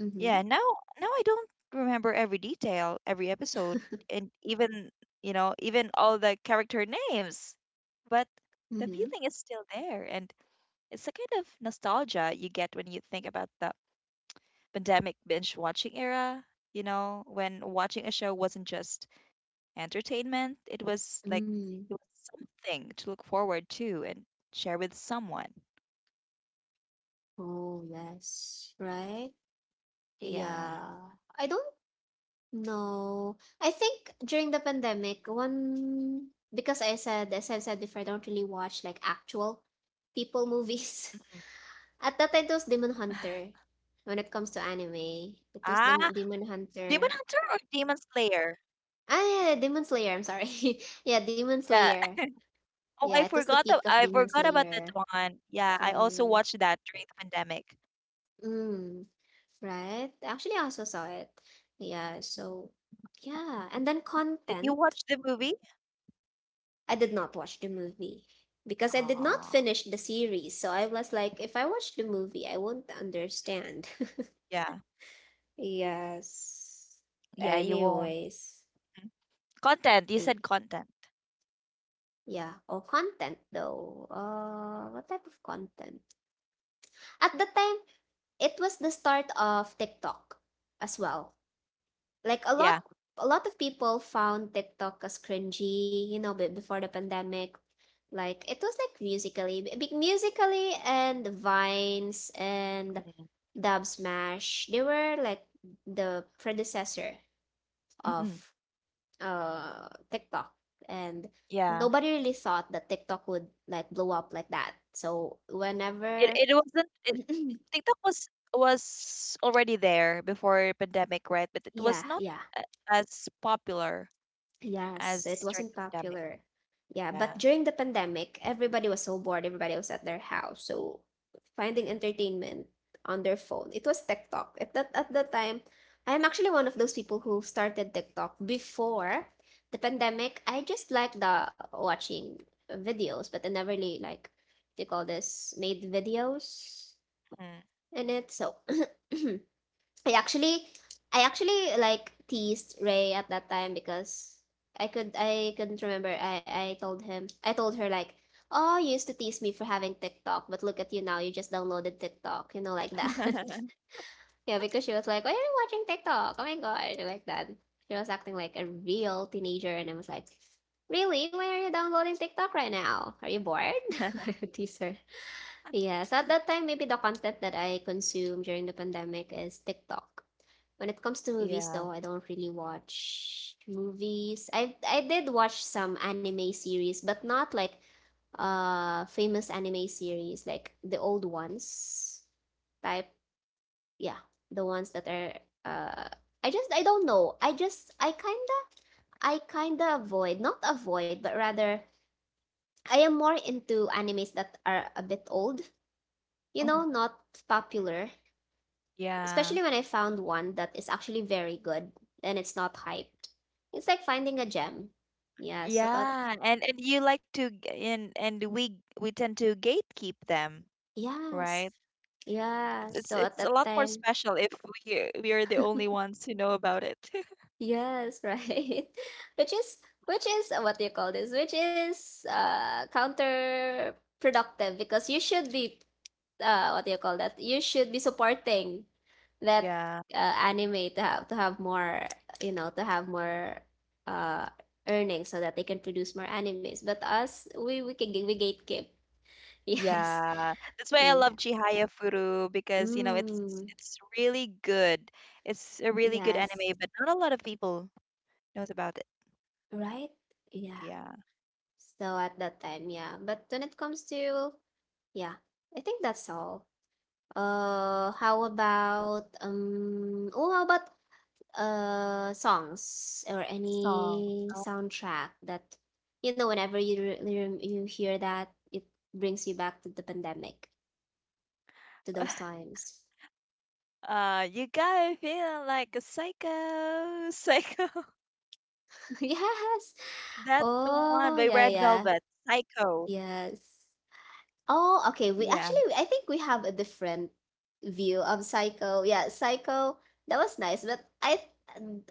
S1: Mm-hmm.
S2: Yeah, now, I don't remember every detail, every episode, and even, you know, even all the character names. But the
S1: Mm-hmm.
S2: feeling is still there, and it's the kind of nostalgia you get when you think about the pandemic binge watching era, you know, when watching a show wasn't just entertainment, it was like,
S1: Mm.
S2: it was something to look forward to and share with someone.
S1: Oh, yes. Right?
S2: Yeah.
S1: Yeah. I don't No, I think during the pandemic, one because I said, as I've said before, I don't really watch like actual people
S2: Mhm.
S1: movies. At that time, it was Demon Hunter. When it comes to anime, it
S2: Ah,
S1: was the Demon
S2: Demon Hunter
S1: Hunter.
S2: or Demon Slayer?
S1: Ah, yeah, yeah, Demon Slayer. I'm sorry. yeah, Demon
S2: Yeah.
S1: Slayer.
S2: Oh,
S1: Yeah, it was the peak
S2: I
S1: of Demon
S2: forgot about that
S1: Slayer.
S2: one. Yeah, I also
S1: Slayer.
S2: watched that during the pandemic.
S1: Mm, right? Actually, I also saw it. Yeah, so yeah, and then
S2: Did you
S1: content.
S2: watch the movie?
S1: I did not watch the movie because I did not
S2: Ah,
S1: finish the series. So I was like, if I watch the movie, I won't understand.
S2: yeah.
S1: yes.
S2: Yeah, you won't.
S1: Anyways,
S2: Mm. Content. You
S1: eh,
S2: said content.
S1: yeah. Oh, content though. What type of content? At the time, it was the start of TikTok as well. Like
S2: Yeah.
S1: a lot of people found TikTok as cringy, you know, before the pandemic. Like it was like musically, big musically and Vines and
S2: Mm,
S1: Dub Smash. They were like the predecessor of
S2: mhm.
S1: TikTok, and
S2: Yeah.
S1: nobody really thought that TikTok would like blow up like that. So
S2: It
S1: whenever,
S2: it wasn't it, TikTok was already there before pandemic, right? But it was
S1: yeah,
S2: not
S1: yeah,
S2: as popular as
S1: yes, it
S2: during the
S1: wasn't
S2: pandemic.
S1: popular. Yeah, but
S2: Yeah.
S1: during the pandemic, everybody was so bored. Everybody was at their house, so finding entertainment on their phone. It was TikTok. At that time, I am actually one of those people who started TikTok before the pandemic. I just like the watching videos, but I never really like they call this made videos
S2: Mhm,
S1: in it. So I actually I actually like teased Ray at that time because I couldn't remember. I told him I told her like, "Oh, you used to tease me for having TikTok, but look at you now. You just downloaded TikTok." You know, like that.
S2: mhm.
S1: yeah, because she was like, "Why are you watching TikTok? Oh my god!" Like that. She was acting like a real teenager, and I was like, "Really? Why are you downloading TikTok right now? Are you bored?" I would tease her. Yeah. So at that time, maybe the content that I consume during the pandemic is TikTok. When it comes to movies,
S2: Yeah.
S1: though, I don't really watch movies. I did watch some anime series, but not like famous anime series, like the old ones type. Yeah, the ones that are uh I just I don't know. I just I kinda avoid, not avoid, but rather I am more into animes that are a bit old, you
S2: Mhm.
S1: know, not popular,
S2: Yeah.
S1: especially when I found one that is actually very good and it's not hyped. It's like finding a gem. Yeah, so
S2: Yeah, and you like to g- and we tend to gatekeep them,
S1: yes.
S2: right?
S1: Yeah,
S2: It's it's
S1: so at
S2: it's a
S1: that
S2: lot more
S1: time,
S2: special if we are the only ones who know about it.
S1: yes, right. Which is which is what do you call this? Which is counterproductive because you should be what do you call that? You should be supporting that,
S2: Yeah,
S1: anime, to have more, you know, to have more uh earnings so that they can produce more animes. But us, we can we gatekeep. Yes.
S2: yeah. That's why I love
S1: Yeah.
S2: Chihaya Furu because, you know, it's it's
S1: Mm,
S2: it's really good. It's a really good
S1: yes.
S2: anime, but not a lot of people knows about it.
S1: Right? Yeah.
S2: Yeah,
S1: So at that time, yeah. But when it comes to, yeah, I think that's all. How about songs or
S2: songs.
S1: any
S2: Oh.
S1: soundtrack that, whenever you you hear that, it brings you back to the pandemic, to those times.
S2: You gotta feel like a psycho, psycho.
S1: Yes.
S2: That one
S1: Oh,
S2: by
S1: yeah,
S2: Red
S1: yeah.
S2: Velvet, Psycho.
S1: Yes. Oh, okay, we actually,
S2: Yeah.
S1: I think we have a different view of Psycho. Yeah, Psycho, that was nice, but I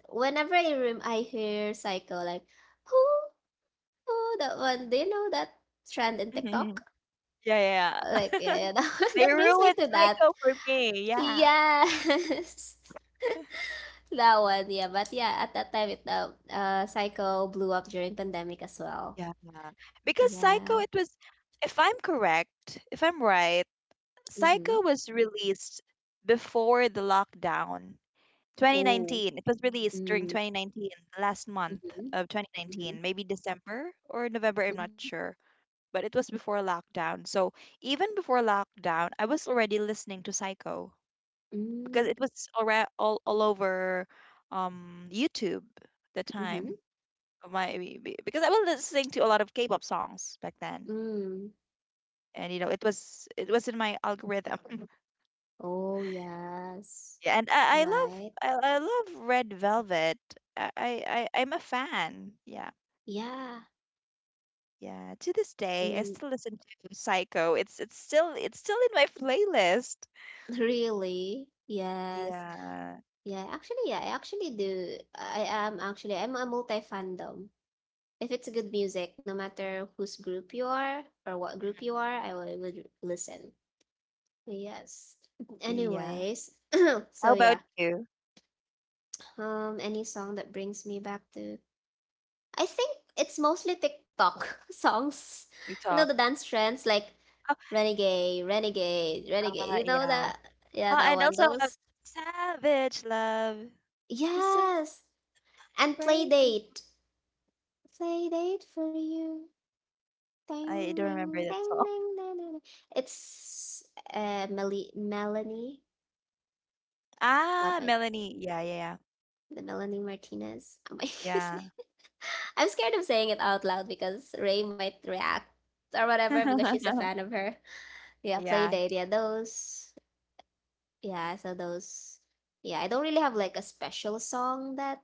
S1: whenever I hear Psycho, like, who? Oh, that one. Do you know that trend in TikTok?
S2: Yeah, yeah, yeah.
S1: Like, yeah, yeah. That,
S2: They
S1: that brings me
S2: ruined
S1: to that.
S2: Psycho for me. Yeah.
S1: Yes. That one, yeah. But yeah, at that time, it Psycho blew up during pandemic as well.
S2: Yeah. Because
S1: Yeah.
S2: Psycho, it was, if I'm correct, if I'm right,
S1: Mm-hmm.
S2: Psycho was released before the lockdown.
S1: Oh.
S2: 2019. It was released during
S1: Mm.
S2: 2019, the last month
S1: Mm-hmm.
S2: of
S1: Mm-hmm.
S2: 2019, maybe December or November, I'm not
S1: Mm-hmm.
S2: sure. But it was before lockdown. So even before lockdown, I was already listening to Psycho, because
S1: Mm.
S2: it was already all over YouTube the
S1: Mm-hmm.
S2: time of my because I was listening to a lot of K-pop songs back then,
S1: Mm.
S2: and you know it was, it was in my algorithm.
S1: Oh yes.
S2: Yeah, and
S1: Right.
S2: I love Red Velvet. I, I I'm a fan. Yeah,
S1: Yeah.
S2: yeah, to this day I
S1: Mm.
S2: still listen to Psycho. It's still in my playlist.
S1: Really? Yes.
S2: Yeah.
S1: Yeah. Actually, yeah, I actually do. I am actually I'm a multi fandom. If it's good music, no matter whose group you are or what group you are, I will listen. Yes.
S2: Yeah,
S1: Anyways,
S2: how
S1: so
S2: about
S1: yeah.
S2: you?
S1: Any song that brings me back to, I think it's mostly TikTok songs.
S2: You
S1: You know
S2: talk.
S1: the dance trends like
S2: Oh,
S1: Renegade, Renegade, Renegade. You know
S2: yeah.
S1: that? Yeah,
S2: Oh,
S1: that
S2: and
S1: one.
S2: also,
S1: Those.
S2: Savage Love. This song
S1: Yes. And
S2: break it.
S1: Playdate. Playdate for you.
S2: I
S1: Ding,
S2: don't remember
S1: ding, ding,
S2: that song.
S1: ding, ding, ding, ding. It's Meli Melanie. Oh
S2: Ah,
S1: my,
S2: Melanie. Yeah, yeah, yeah.
S1: the Melanie Martinez. Am I
S2: Yeah.
S1: I'm scared of saying it out loud because Ray might react or whatever because she's a fan of her. Yeah,
S2: Yeah.
S1: Playdate. Yeah, those. Yeah, so those. Yeah, I don't really have like a special song that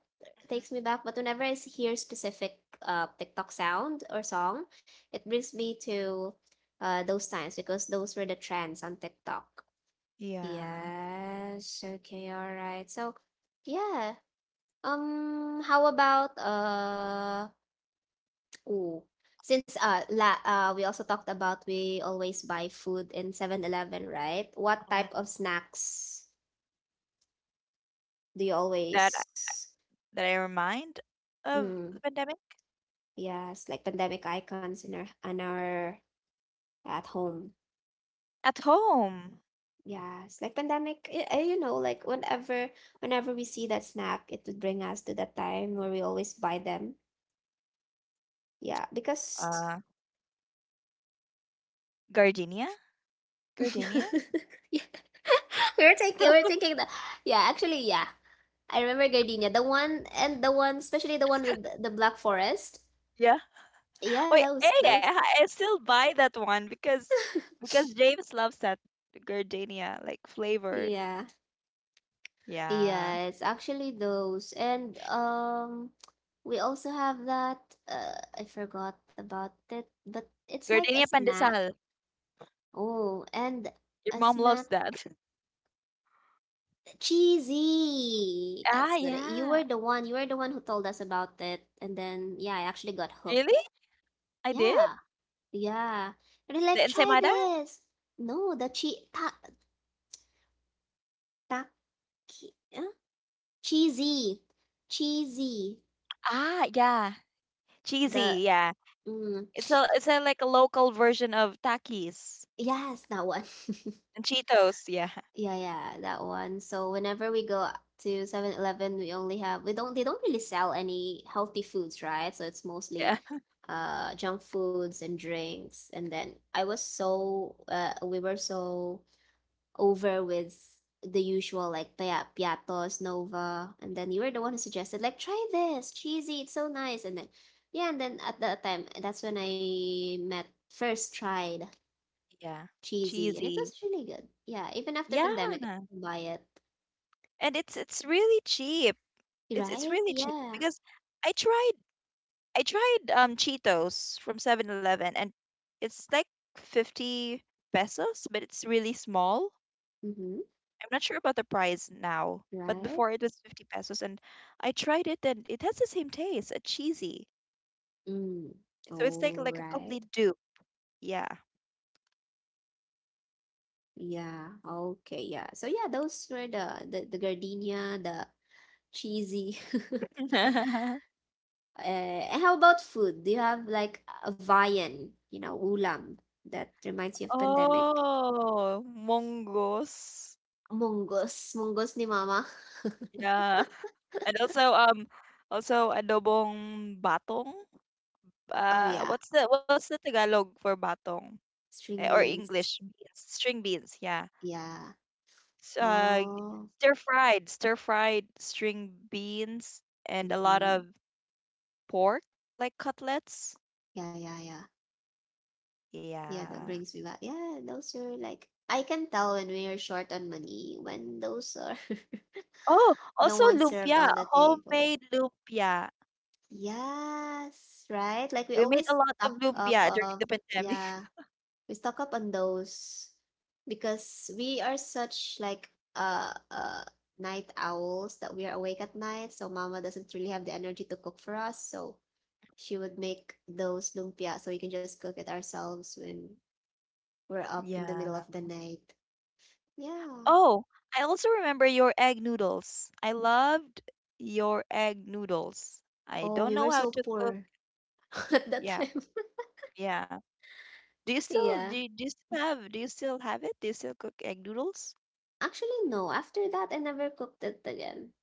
S1: takes me back, but whenever I hear specific TikTok sound or song, it brings me to, those times because those were the trends on TikTok.
S2: Yeah.
S1: Yes. Okay. All right. So, yeah. How about? Ooh. Since la we also talked about, we always buy food in 7-Eleven, right? What
S2: Mm.
S1: type of snacks do you
S2: That I-
S1: always?
S2: that I remind of
S1: Mm,
S2: the pandemic
S1: yes, like pandemic icons in our at home.
S2: at home.
S1: Yes, like pandemic. You know, like whenever, we see that snack, it would bring us to that time where we always buy them. Yeah, because
S2: Uh, gardenia, gardenia.
S1: yeah. We're thinking that, yeah, actually, yeah, I remember gardenia, the one, and the one, especially the one with the black forest.
S2: Yeah.
S1: Yeah,
S2: Wait,
S1: those
S2: hey,
S1: those
S2: I still buy that one because because James loves that gardenia like flavor.
S1: Yeah,
S2: Yeah,
S1: yeah. It's actually those, and we also have that, I forgot about it, but it's like a
S2: gardenia
S1: snack.
S2: pandesal.
S1: Oh. And
S2: Your
S1: a
S2: mom
S1: snack.
S2: loves that.
S1: Cheesy.
S2: Ah,
S1: That's good. You
S2: yeah.
S1: were the one. You were the one who told us about it, and then yeah, I actually got
S2: Really?
S1: hooked.
S2: I did?
S1: Yeah, yeah. And they're
S2: The
S1: like, try
S2: ensaymada?
S1: this. No, the che ta ta ki- huh? Cheesy, cheesy.
S2: Ah, yeah. Cheesy,
S1: The
S2: yeah.
S1: mm,
S2: It's a like a local version of Takis
S1: yes, that one.
S2: and Cheetos, yeah.
S1: Yeah, yeah, that one. So whenever we go to 7-Eleven, we only have we don't they don't really sell any healthy foods, right? So it's mostly
S2: Yeah.
S1: junk foods and drinks. And then I was so we were so over with the usual, like, Piatos, Nova, and then you were the one who suggested, like, try this, cheesy, it's so nice. And then, yeah, and then at that time, that's when I met first tried
S2: Yeah.
S1: cheesy, and it
S2: Cheesy.
S1: was really good. Yeah, even after
S2: Yeah.
S1: pandemic, I still buy it.
S2: And it's really cheap. It's
S1: Right?
S2: really cheap
S1: Yeah.
S2: because I tried I tried Cheetos from 7-Eleven, and it's like 50 pesos, but it's really small.
S1: Mm-hmm.
S2: I'm not sure about the price now, but
S1: Right?
S2: before it was 50 pesos and I tried it and it has the same taste, a cheesy.
S1: Mm.
S2: So it's like
S1: All
S2: like a
S1: right.
S2: complete dupe. Yeah.
S1: Yeah. Okay. Yeah. So yeah, those were the gardenia, the cheesy. How about food? Do you have like a viand, you know, ulam that reminds you of pandemic?
S2: Oh, mongoose.
S1: Mungus. Mungus ni mama.
S2: Yeah. And also also adobong batong.
S1: Oh
S2: Uh,
S1: yeah.
S2: what's the Tagalog for batong? Eh,
S1: String
S2: or English
S1: beans.
S2: beans, string beans, yeah.
S1: Yeah.
S2: S- Uh
S1: Oh.
S2: stir fried string beans and a lot
S1: Mm-hmm.
S2: of pork like cutlets.
S1: Yeah, yeah, yeah. Yeah, that
S2: Yeah.
S1: brings me back. Yeah, those are, like, I can tell when we are short on money when those are
S2: Oh,
S1: the
S2: also
S1: ones served
S2: lumpia,
S1: on the table.
S2: homemade lumpia.
S1: Yes, right? Like we
S2: We made a
S1: always
S2: lot of
S1: stock up
S2: lumpia during
S1: of,
S2: the pandemic.
S1: yeah, we stock up on those because we are such, like, night owls that we are awake at night, so mama doesn't really have the energy to cook for us, so she would make those lumpia so we can just cook it ourselves when we're up in the
S2: Yeah.
S1: middle of the night. Yeah.
S2: Oh, I also remember your egg noodles. I loved your egg noodles. I
S1: Oh,
S2: don't
S1: we
S2: know
S1: were
S2: how
S1: so
S2: to cook.
S1: poor at that
S2: Yeah,
S1: time.
S2: yeah. Do you still,
S1: yeah.
S2: do you still have, do you still have it? Do you still cook egg noodles?
S1: Actually, no. After that, I never cooked it again.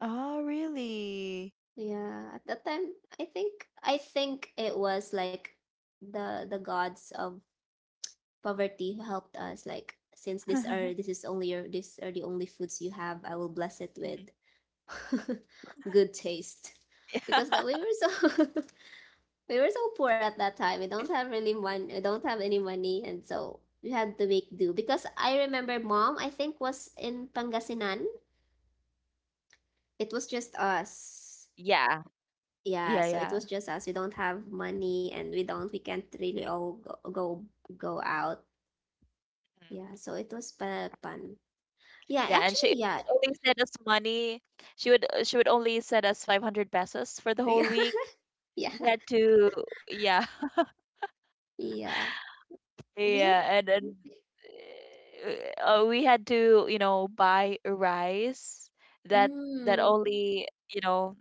S2: Oh, really?
S1: Yeah. At that time, I think I think it was like the gods of poverty who helped us. Like, since this are this is only your these are the only foods you have, I will bless it with good taste, because, that we were so we were so poor at that time. We don't have really money. We don't have any money, and so we had to make do. Because I remember mom, I think, was in Pangasinan. It was just
S2: Yeah.
S1: us.
S2: Yeah. Yeah, yeah.
S1: Yeah, so it was just us. We don't have money, and we don't. We can't really all go out. Yeah, so it was fun. Yeah,
S2: Yeah, and she
S1: actually,
S2: would
S1: yeah,
S2: only send us money. She would, she would only send us 500 pesos for the
S1: yeah,
S2: whole week.
S1: yeah,
S2: We had to, yeah.
S1: yeah. Really.
S2: Yeah, and we had to, you know, buy rice that, that
S1: Mm,
S2: only, you know,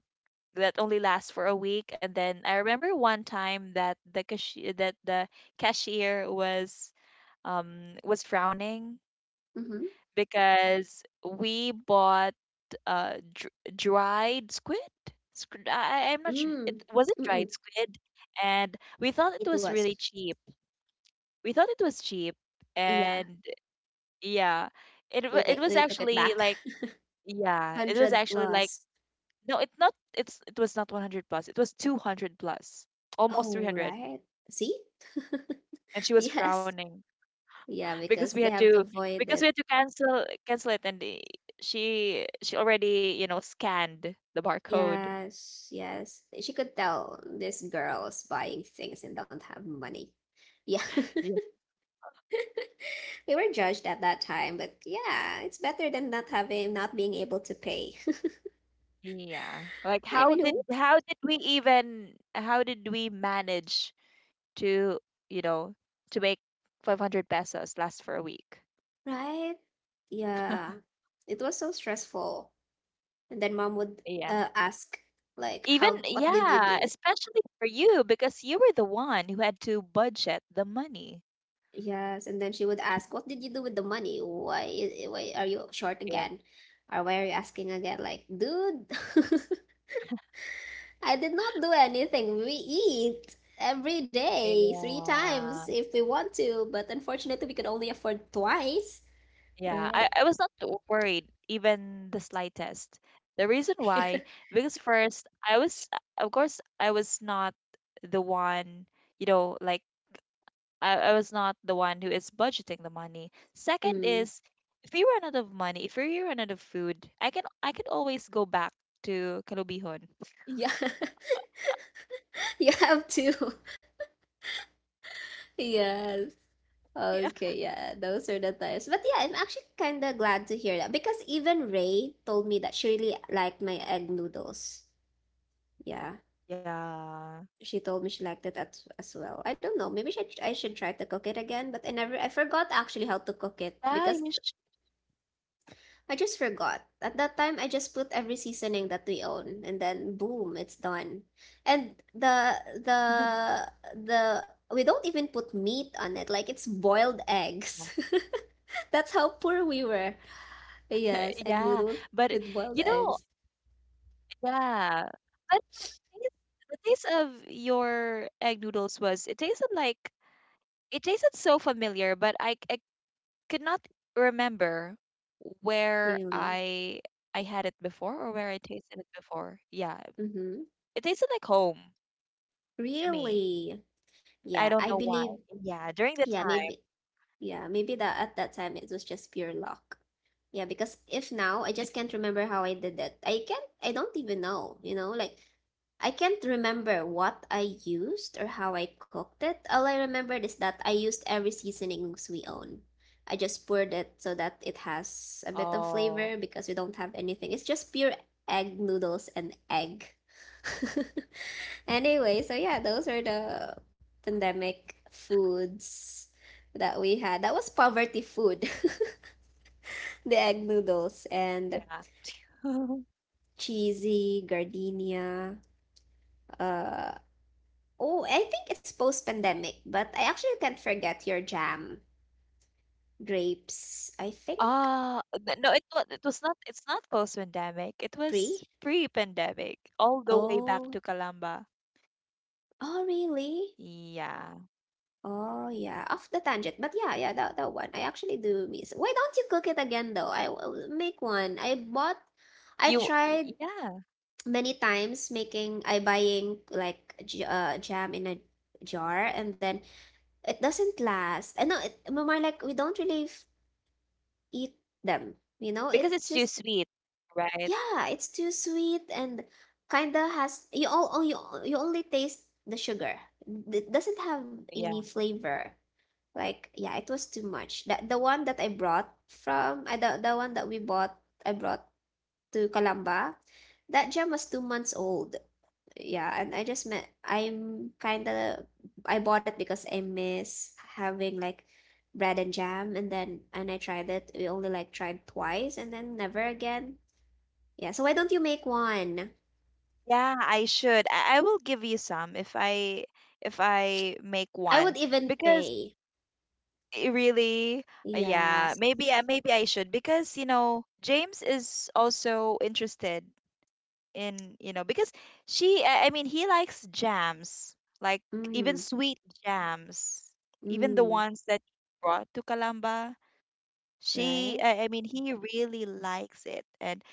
S2: that only lasts for a week. And then I remember one time that the cashier, that the cashier was frowning
S1: mm-hmm,
S2: because we bought dried squid. Squid, I'm not sure.
S1: mm,
S2: It, was it
S1: mm-mm.
S2: dried squid? And we thought it
S1: It
S2: was
S1: was.
S2: really cheap. We thought it was cheap,
S1: Oh, yeah,
S2: and yeah, it was
S1: we took it
S2: actually
S1: back.
S2: like, yeah, it was
S1: 100
S2: actually like,
S1: plus.
S2: no, it's not. It's, it was not 100 plus. It was 200 plus, almost
S1: Oh,
S2: 300.
S1: right. See?
S2: And she was
S1: Yes.
S2: frowning
S1: Yeah,
S2: because
S1: because
S2: we
S1: they
S2: had
S1: have to
S2: to
S1: avoid
S2: because we
S1: it.
S2: had to cancel it, and she already, you know, scanned the barcode.
S1: Yes, yes. She could tell this girl's buying things and don't have money. Yeah. We were judged at that time, but yeah, it's better than not having, not being able to pay.
S2: Yeah. Like
S1: I
S2: how
S1: mean, who?
S2: did, we even, how did we manage to, you know, to make 500 pesos last for a week?
S1: Right? Yeah. It was so stressful. And then mom would,
S2: Yeah.
S1: ask, like,
S2: Even
S1: how, what did you
S2: yeah,
S1: do?
S2: especially for you because you were the one who had to budget the money.
S1: Yes, and then she would ask, "What did you do with the money? Why are you short
S2: Yeah.
S1: again? Or why are you asking again?" Like, dude, I did not do anything. We eat every day, three times
S2: Yeah.
S1: if we want to, but unfortunately, we could only afford twice,
S2: Yeah.
S1: right?
S2: I was not worried even the slightest. The reason why, because first I was, of course I was not the one, you know, like I was not the one who is budgeting the money. Second
S1: Mm.
S2: is, if we run out of money, if we run out of food, I could always go back to Kalubihon.
S1: Yeah, you have to. Yes.
S2: Yeah.
S1: Okay, yeah, those are the times. But yeah, I'm actually kind of glad to hear that because even Ray told me that she really liked my egg noodles. Yeah.
S2: Yeah.
S1: She told me she liked it, as well. I don't know. Maybe I should try to cook it again, but I never, I forgot actually how to
S2: Yeah,
S1: cook
S2: you
S1: it
S2: sh-
S1: because I just forgot. At that time, I just put every seasoning that we own, and then boom, it's done. And the the we don't even put meat on it. Like, it's boiled eggs. That's how poor we were.
S2: yeah. But you
S1: Yes, egg
S2: know,
S1: noodles with boiled eggs.
S2: yeah. But taste- The taste of your egg noodles was it tasted like it tasted so familiar, but I could not remember where I
S1: Really.
S2: I had it before or where I tasted it before. Yeah, it
S1: Mm-hmm.
S2: tasted like home to me.
S1: Really.
S2: I don't
S1: Yeah,
S2: know
S1: I
S2: why.
S1: believe.
S2: Yeah, during the
S1: Yeah,
S2: time.
S1: maybe. Yeah, maybe that at that time it was just pure luck. Yeah, because if now I just can't remember how I did that. I don't even know, you know, like, I can't remember what I used or how I cooked it. All I remembered is that I used every seasonings we own. I just poured it so that it has a bit of
S2: Oh,
S1: flavor because we don't have anything. It's just pure egg noodles and egg. Anyway, so yeah, those are the pandemic foods that we had. That was poverty food. The egg noodles
S2: yeah.
S1: and cheesy gardenia. Uh, oh, I think it's post-pandemic, but I actually can't forget your jam. Grapes, I think.
S2: No, it was not. It's not post-pandemic. It
S1: Pre.
S2: was pre-pandemic, all the way back
S1: Oh,
S2: to Kalamba.
S1: oh really?
S2: Yeah,
S1: Oh yeah, off the tangent, but yeah, yeah, that one. I actually do miss. Why don't you cook it again though? I will make one. I
S2: you.
S1: tried
S2: Yeah,
S1: many times making. I buying like jam in a jar, and then it doesn't last. I know it more, like, we don't really eat them. You know,
S2: because
S1: it
S2: it's too
S1: just,
S2: sweet, right?
S1: yeah, it's too sweet and kinda has, you all- you only taste the sugar. It doesn't have any
S2: Yeah.
S1: flavor. Like, yeah, it was too much. The one that I brought from, the one that we bought, I brought to Kalamba, that jam was 2 months old, yeah, and I just met I'm kind of, I bought it because I miss having, like, bread and jam, and then, and I tried it. We only like tried twice and then never again. Yeah, so why don't you make one?
S2: Yeah, I should. I will give you some if I make
S1: I
S2: one
S1: would even
S2: because
S1: pay.
S2: it really, yeah,
S1: Yes.
S2: maybe I should because you know James is also interested in you know because she I mean he likes jams like even
S1: Mm,
S2: sweet jams, even the
S1: mm,
S2: ones that you brought to Kalamba. She
S1: right?
S2: I mean He really likes it and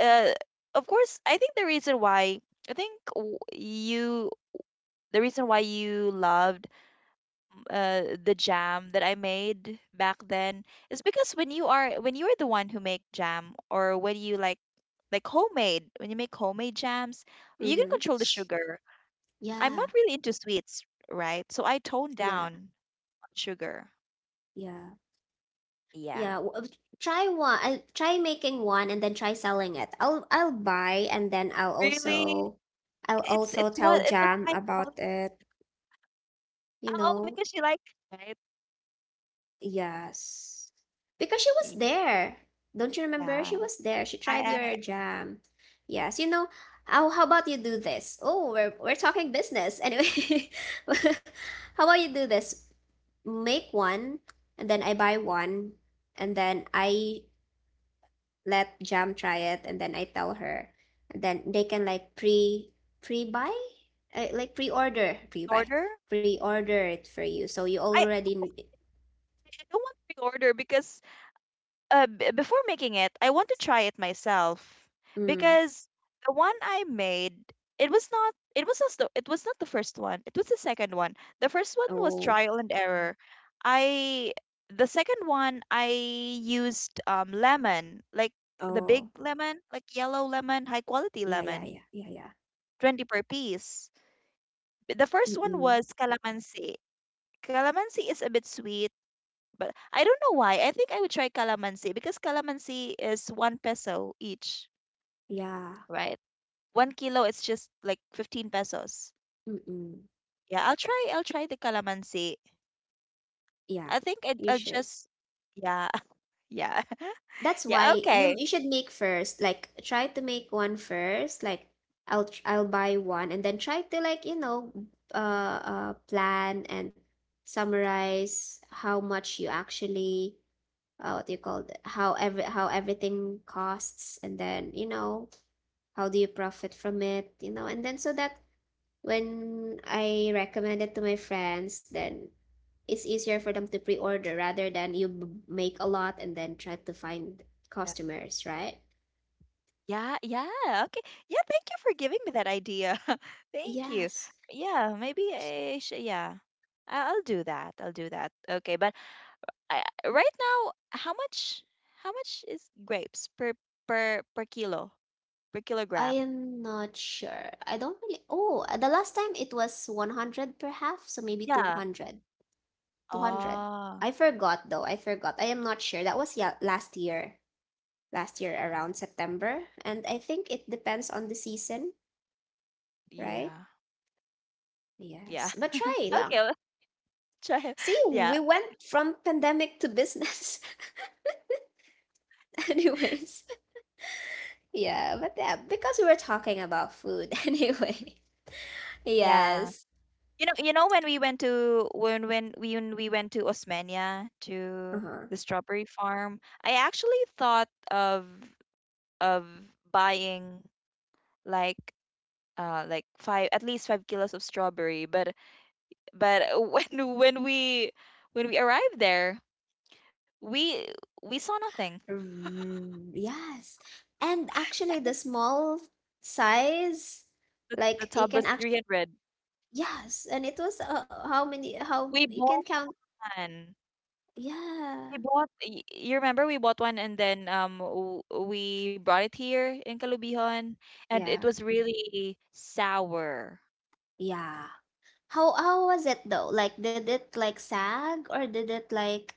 S2: uh of course I think the reason why. I think w- you The reason why you loved the jam that I made back then is because when you are the one who make jam or when you make homemade jams you can
S1: Mm-hmm.
S2: control the sugar. I'm not
S1: Yeah,
S2: really into sweets, right? So I toned
S1: yeah,
S2: down on sugar.
S1: yeah.
S2: Yeah,
S1: Yeah, try one. I try making one and then try selling it. I'll buy and then I'll
S2: really?
S1: also I'll also tell
S2: It was
S1: Jam
S2: my fault.
S1: about it, you
S2: Oh,
S1: know.
S2: because you like it, right?
S1: Yes. Because she was there. Don't you remember?
S2: Yeah,
S1: She was there. She tried
S2: I
S1: your jam. Yes, you know. How about you do this? Oh, we're talking business. Anyway, how about you do this? Make one, and then I buy one, and then I let Jam try it, and then I tell her, and then they can, like, pre buy, like, pre order, pre buy,
S2: order.
S1: pre order it for you. So you
S2: I
S1: already,
S2: I don't want pre-order because before making it, I want to try it myself
S1: mm,
S2: because the one I made, it was not the, it was not the first one. It was the second one. The first one was
S1: oh,
S2: trial and error. I The second one I used lemon, like the big
S1: oh
S2: lemon, like yellow lemon, high quality
S1: yeah, yeah,
S2: lemon,
S1: yeah, yeah, yeah.
S2: 20 per piece. The
S1: Mm,
S2: first one
S1: mm,
S2: was calamansi. Calamansi is a bit sweet but I don't know why. I think I would try calamansi because calamansi is one peso each,
S1: yeah.
S2: right? 1 kilo is just like 15 pesos.
S1: Mm, mm.
S2: I'll try the calamansi.
S1: Yeah,
S2: I think I,
S1: you
S2: I'll
S1: should.
S2: just yeah, yeah.
S1: That's
S2: Yeah,
S1: why you
S2: okay.
S1: you should make first. Like, try to make one first. Like, I'll buy one and then try to, like, you know, plan and summarize how much you actually, what do you call it? How everything costs, and then, you know, how do you profit from it, you know? And then so that when I recommend it to my friends, then it's easier for them to pre-order rather than you make a lot and then try to find
S2: Yeah.
S1: customers, right?
S2: Yeah, yeah, okay. Yeah, thank you for giving me that idea. Thank you.
S1: Yes.
S2: Yeah, maybe I should, yeah. I- I'll do that. I'll do that. Okay, but I, right now, how much is grapes per per kilo per
S1: I
S2: kilogram?
S1: am not sure. I don't really. Oh, the last time it was 100 per half, so maybe
S2: Yeah.
S1: 200. 200.
S2: Ah.
S1: I forgot though. I forgot. I am not sure. That was, yeah, last year. Last year around September, and I think it depends on the season, right?
S2: Yeah. Yeah.
S1: Yes. But
S2: Okay.
S1: try lang.
S2: Well, try it.
S1: See, we
S2: Yeah.
S1: went from pandemic to business. Anyways, yeah, but yeah, because we were talking about food anyway.
S2: Yeah.
S1: Yes.
S2: You know. You know when we went to when we went to Osmania to
S1: Uh-huh.
S2: the strawberry farm, I actually thought of buying like like five at least 5 kilos of strawberry, but when we when we arrived there, we we saw nothing.
S1: Mm, yes. And actually the small size,
S2: The
S1: like, you
S2: tub
S1: can
S2: was
S1: actually,
S2: 300.
S1: yes, and it was, how many, how
S2: We
S1: you can
S2: bought
S1: count.
S2: one.
S1: Yeah.
S2: You remember we bought one and then we brought it here in Calubihon and it
S1: Yeah.
S2: was really sour.
S1: Yeah. How was it though? Like, did it like sag, or did it like,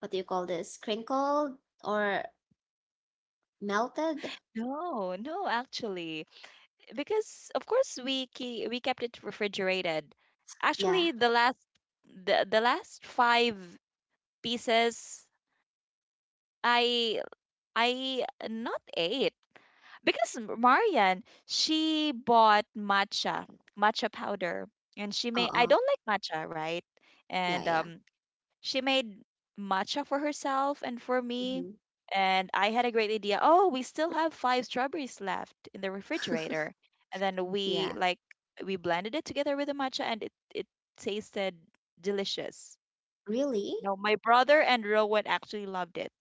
S1: what do you call this, crinkled or melted?
S2: No, no, actually, because of course we kept it refrigerated.
S1: Yeah.
S2: Actually, the last five pieces I I not ate because Marian she bought matcha powder and she made, I
S1: Uh-uh.
S2: don't like matcha, right,
S1: Yeah,
S2: and
S1: yeah.
S2: she made matcha for herself and for me,
S1: Mm-hmm.
S2: and I had a great idea: oh, we still have five strawberries left in the refrigerator, and then
S1: Yeah.
S2: we blended it together with the matcha, and it tasted delicious.
S1: Really?
S2: You know, my brother and Rowan actually loved it.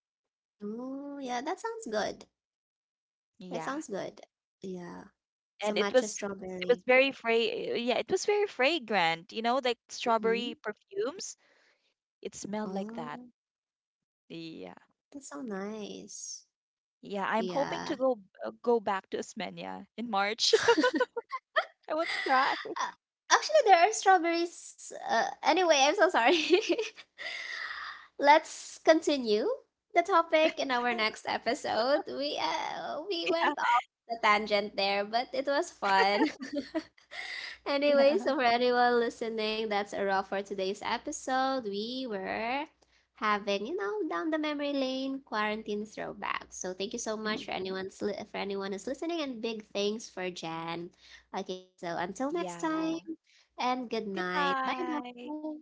S1: Oh, yeah, that sounds good. That
S2: Yeah,
S1: sounds good. Yeah. So
S2: and it
S1: matcha
S2: was it
S1: strawberry.
S2: was very yeah, it was very fragrant, you know, like
S1: Mm-hmm.
S2: strawberry perfumes, it smelled like that.
S1: Oh,
S2: Yeah.
S1: that sounds nice.
S2: Yeah, I'm hoping
S1: Yeah.
S2: to go go back to Osmania in March. I want to try.
S1: Uh, actually, there are strawberries. Anyway, I'm so sorry. Let's continue the topic in our next episode.
S2: Yeah.
S1: We went off the tangent there, but it was fun. Anyway,
S2: Yeah.
S1: so for anyone listening, that's a wrap for today's episode. We were having, you know, down the memory lane quarantine throwback. So thank you so much for
S2: Mhm.
S1: for anyone who's listening, and big thanks for Jen. Okay, so until next
S2: Yeah,
S1: time, and good night. Bye
S2: goodbye.
S1: bye.